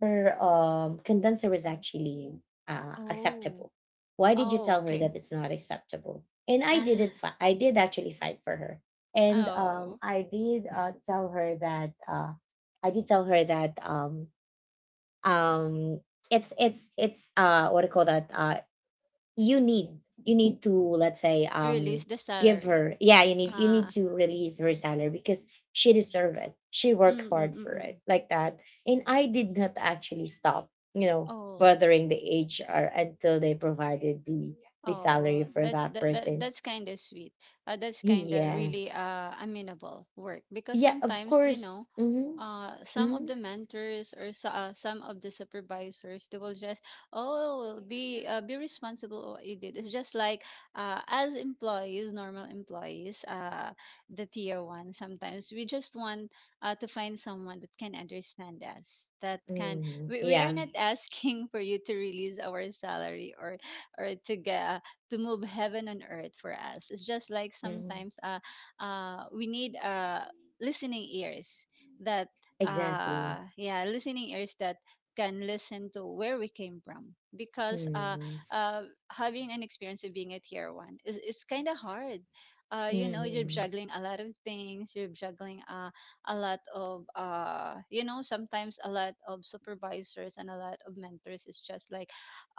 Speaker 1: her condenser was actually
Speaker 2: Oh,
Speaker 1: acceptable. Why did you
Speaker 2: oh,
Speaker 1: tell her
Speaker 2: okay.
Speaker 1: that it's not acceptable? And I did not I did actually fight for her, and
Speaker 2: Ah, oh,
Speaker 1: I did tell her that I did tell her that um, it's what do you call that? You need you need to, let's say,
Speaker 2: release the
Speaker 1: give
Speaker 2: salary.
Speaker 1: her, yeah, you need
Speaker 2: Ah,
Speaker 1: to release her salary because she deserved it, she worked
Speaker 2: mm, mm.
Speaker 1: hard for
Speaker 2: Mm.
Speaker 1: it,
Speaker 2: Mm.
Speaker 1: like that. And I did not actually stop, you know,
Speaker 2: Oh.
Speaker 1: bothering the HR until they provided the
Speaker 2: Oh,
Speaker 1: salary for that person.
Speaker 2: that's kind of sweet. That's kind of
Speaker 1: Yeah,
Speaker 2: really amenable work, because
Speaker 1: yeah, of
Speaker 2: sometimes, you
Speaker 1: course.
Speaker 2: know,
Speaker 1: Mm-hmm.
Speaker 2: uh some of
Speaker 1: Mm-hmm.
Speaker 2: the mentors or so, some of the supervisors they will just be responsible what you did. It's just like, as employees, normal employees, the tier one sometimes we just want, to find someone that can understand us, that can
Speaker 1: Mm-hmm.
Speaker 2: we are
Speaker 1: Yeah.
Speaker 2: not asking for you to release our salary, or to move heaven on earth for us. It's just like
Speaker 1: Mm-hmm.
Speaker 2: sometimes, we need, listening ears that
Speaker 1: Exactly.
Speaker 2: yeah, listening ears that can listen to where we came from, because,
Speaker 1: Mm-hmm.
Speaker 2: uh, having an experience of being a tier one is it's kind of hard. You're
Speaker 1: Mm-hmm.
Speaker 2: juggling a lot of things. You're juggling, a lot of, sometimes a lot of supervisors and a lot of mentors. It's just like,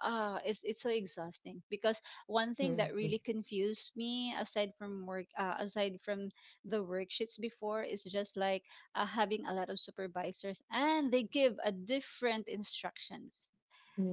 Speaker 2: it's so exhausting, because one thing that
Speaker 1: Mm-hmm.
Speaker 2: really confused me aside from work, aside from the worksheets before, is just like, having a lot of supervisors and they give a different instructions.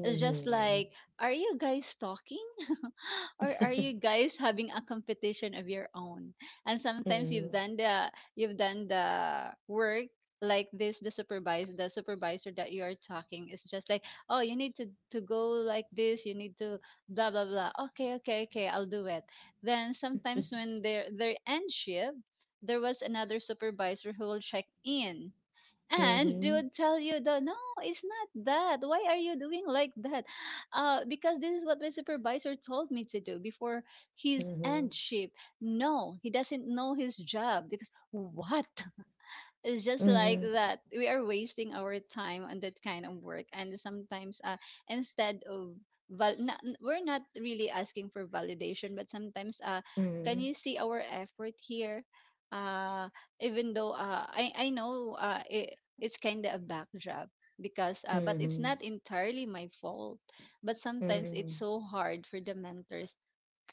Speaker 2: It's just like, are you guys talking or are you guys having a competition of your own? And sometimes
Speaker 1: Mm-hmm.
Speaker 2: you've done the, work like this. The supervisor that you are talking is just like, you need to go like this, you need to blah blah blah. Okay, okay, okay, I'll do it. Then sometimes when they're end shift, there was another supervisor who will check in, and they
Speaker 1: Mhm,
Speaker 2: would tell you that, no, it's not that, why are you doing like that? Because this is what my supervisor told me to do before his
Speaker 1: mhm,
Speaker 2: end shift. No, he doesn't know his job, because what? It's just like
Speaker 1: mhm,
Speaker 2: that. We are wasting our time on that kind of work, and sometimes, instead of, not, we're not really asking for validation, but sometimes, can
Speaker 1: mhm,
Speaker 2: you see our effort here? Uh, Even though, I know, it's kind of a back job, because but it's
Speaker 1: mhm,
Speaker 2: not entirely my fault, but sometimes it's
Speaker 1: mhm,
Speaker 2: so hard for the mentors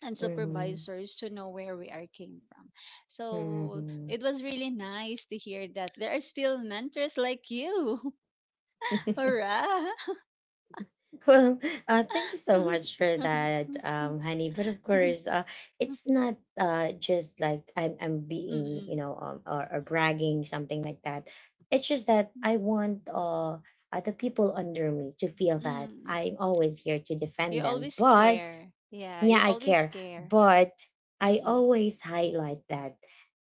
Speaker 2: and
Speaker 1: mhm,
Speaker 2: supervisors to know where we are came from. So
Speaker 1: mhm.
Speaker 2: it was really nice to hear that there are still mentors like you. Hurrah!
Speaker 1: Well, thank you so much for that, honey. But of course, it's not just like I'm being, you
Speaker 2: Mm-mm.
Speaker 1: know, or bragging, something like that. It's just that I want the people under me to feel that
Speaker 2: Mm.
Speaker 1: I'm always here to
Speaker 2: You
Speaker 1: defend them.
Speaker 2: always
Speaker 1: But
Speaker 2: care. Yeah, you
Speaker 1: yeah, I
Speaker 2: always
Speaker 1: care.
Speaker 2: care.
Speaker 1: But I
Speaker 2: Mm-mm.
Speaker 1: always highlight that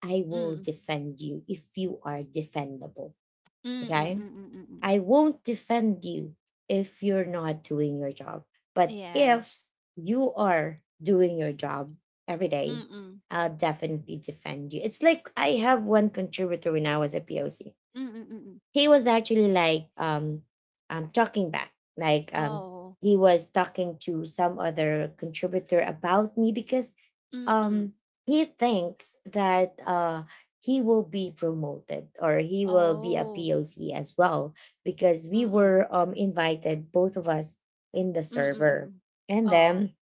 Speaker 1: I will
Speaker 2: Mm-mm.
Speaker 1: defend you if you are defendable.
Speaker 2: Mm-mm.
Speaker 1: Okay.
Speaker 2: Mm-mm. Mm-mm.
Speaker 1: I won't defend you if you're not doing your job. But
Speaker 2: Yes.
Speaker 1: if you are doing your job every day,
Speaker 2: Mm-mm.
Speaker 1: I'll definitely defend you. It's like I have one contributor when I was a POC.
Speaker 2: Mm-mm. Mm-mm.
Speaker 1: He was actually like talking back, like,
Speaker 2: Oh.
Speaker 1: he was talking to some other contributor about me because
Speaker 2: Mm-mm.
Speaker 1: um he thinks that he will be promoted or he will be a
Speaker 2: Oh.
Speaker 1: POC as well because we
Speaker 2: Mm-mm.
Speaker 1: were invited, both of us, in the
Speaker 2: Mm-mm.
Speaker 1: server,
Speaker 2: Mm-mm.
Speaker 1: and
Speaker 2: Oh.
Speaker 1: then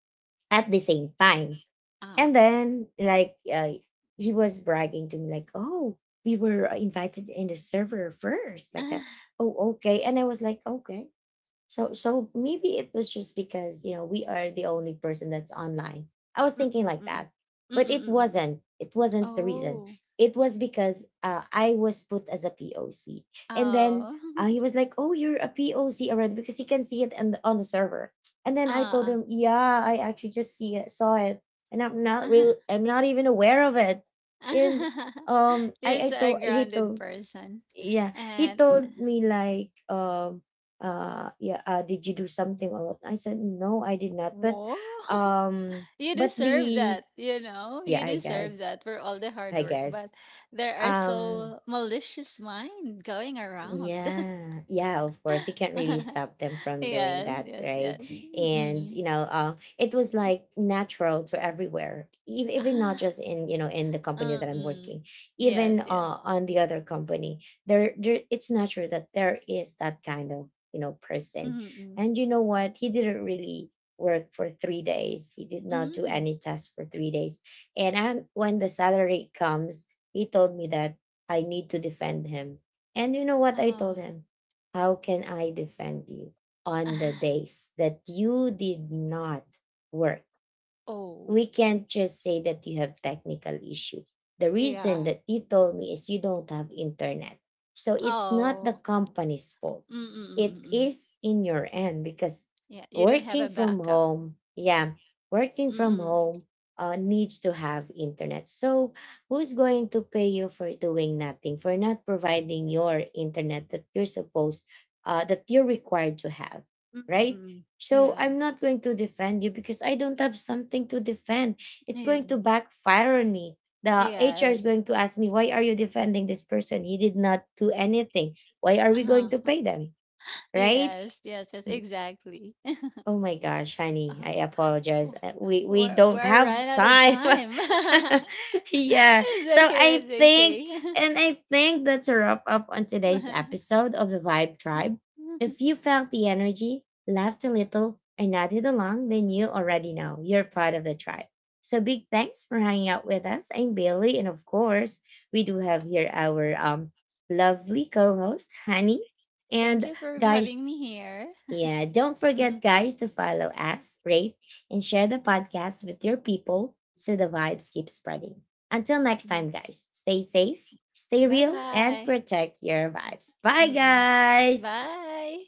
Speaker 1: at the same time.
Speaker 2: Ah.
Speaker 1: And then, like, he was bragging to me, like, oh, we were invited in the server first, like that. Oh, okay. And I was like, okay. So so maybe it was just because, you know, we are the only person that's online. I was
Speaker 2: Mm,
Speaker 1: thinking
Speaker 2: mm,
Speaker 1: like
Speaker 2: mm.
Speaker 1: that.
Speaker 2: Mm, mm,
Speaker 1: But it
Speaker 2: mm. Mm, mm.
Speaker 1: wasn't. It wasn't the reason.
Speaker 2: Oh.
Speaker 1: It was because I was put as a POC. And then
Speaker 2: Oh.
Speaker 1: he was like, "Oh, you're a POC already because he can see it on the server." And then I told
Speaker 2: Ah.
Speaker 1: him, "Yeah, I actually just see it, saw it, and I'm not even aware of it." And
Speaker 2: You're
Speaker 1: I
Speaker 2: so a
Speaker 1: told he
Speaker 2: grounded
Speaker 1: told,
Speaker 2: person.
Speaker 1: yeah, he
Speaker 2: And
Speaker 1: told me like, yeah, did you do something or what? I said no, I did not.
Speaker 2: whoa.
Speaker 1: Um,
Speaker 2: You
Speaker 1: but
Speaker 2: deserve
Speaker 1: the
Speaker 2: that, you know?
Speaker 1: yeah,
Speaker 2: You deserve that for all the hard
Speaker 1: I
Speaker 2: work.
Speaker 1: guess,
Speaker 2: But there are
Speaker 1: um,
Speaker 2: so malicious mind going around.
Speaker 1: yeah, yeah, of course. You can't really stop them from doing
Speaker 2: Yes,
Speaker 1: that,
Speaker 2: yes,
Speaker 1: right?
Speaker 2: yes.
Speaker 1: And,
Speaker 2: Mm-mm.
Speaker 1: you know, it was like natural to everywhere, even not
Speaker 2: Ah,
Speaker 1: just in, you know, in the company that I'm
Speaker 2: mm-mm.
Speaker 1: working,
Speaker 2: Yes,
Speaker 1: even
Speaker 2: yes.
Speaker 1: on the other company. There, it's natural that there is that kind of, you know, person.
Speaker 2: Mm-mm.
Speaker 1: And you know what? He didn't really work for 3 days. He did not do
Speaker 2: Mm.
Speaker 1: any tasks for 3 days. And I, when the salary comes, he told me that I need to defend him. And you know what I told
Speaker 2: Oh.
Speaker 1: him? How can I defend you on the
Speaker 2: Ah.
Speaker 1: days that you did not work?
Speaker 2: Oh.
Speaker 1: We can't just say that you have technical issue. The reason
Speaker 2: Yeah.
Speaker 1: that you told me is you don't have internet. So it's not the
Speaker 2: Oh.
Speaker 1: company's fault.
Speaker 2: Mm, mm, mm,
Speaker 1: It
Speaker 2: mm. Mm.
Speaker 1: is in your end because
Speaker 2: Yeah, you don't have a
Speaker 1: working from
Speaker 2: backup.
Speaker 1: home, yeah, working
Speaker 2: Mm,
Speaker 1: from
Speaker 2: mm.
Speaker 1: home needs to have internet. So who's going to pay you for doing nothing, for not providing your internet that that you're required to have, right?
Speaker 2: Mm-mm.
Speaker 1: So
Speaker 2: Yeah.
Speaker 1: I'm not going to defend you because I don't have something to defend. It's
Speaker 2: Yeah.
Speaker 1: going to backfire on me. The HR is
Speaker 2: Yes.
Speaker 1: going to ask me, why are you defending this person? He did not do anything. Why are we going
Speaker 2: Uh-huh.
Speaker 1: to pay them? Right?
Speaker 2: Yes, yes, yes,
Speaker 1: Hmm.
Speaker 2: exactly.
Speaker 1: Oh my gosh, honey, I apologize.
Speaker 2: Oh,
Speaker 1: We
Speaker 2: oh,
Speaker 1: we
Speaker 2: we're
Speaker 1: don't
Speaker 2: we're
Speaker 1: have
Speaker 2: right out of
Speaker 1: time.
Speaker 2: time.
Speaker 1: Yeah.
Speaker 2: It's
Speaker 1: So
Speaker 2: okay, it's okay.
Speaker 1: I think that's a wrap up on today's episode of the Vibe Tribe. If you felt the energy, laughed a little, and nodded along, then you already know you're part of the tribe. So big thanks for hanging out with us. I'm Bailey, and of course, we do have here our lovely co-host, Honey.
Speaker 2: Thank
Speaker 1: And
Speaker 2: you for having
Speaker 1: guys,
Speaker 2: me here.
Speaker 1: yeah, don't forget,
Speaker 2: Mm-mm.
Speaker 1: guys, to follow us, rate, and share the podcast with your people so the vibes keep spreading. Until next time, guys, stay safe, stay real, and
Speaker 2: Bye-bye.
Speaker 1: protect your vibes. Bye,
Speaker 2: Mm-mm. Bye,
Speaker 1: guys.
Speaker 2: bye, bye.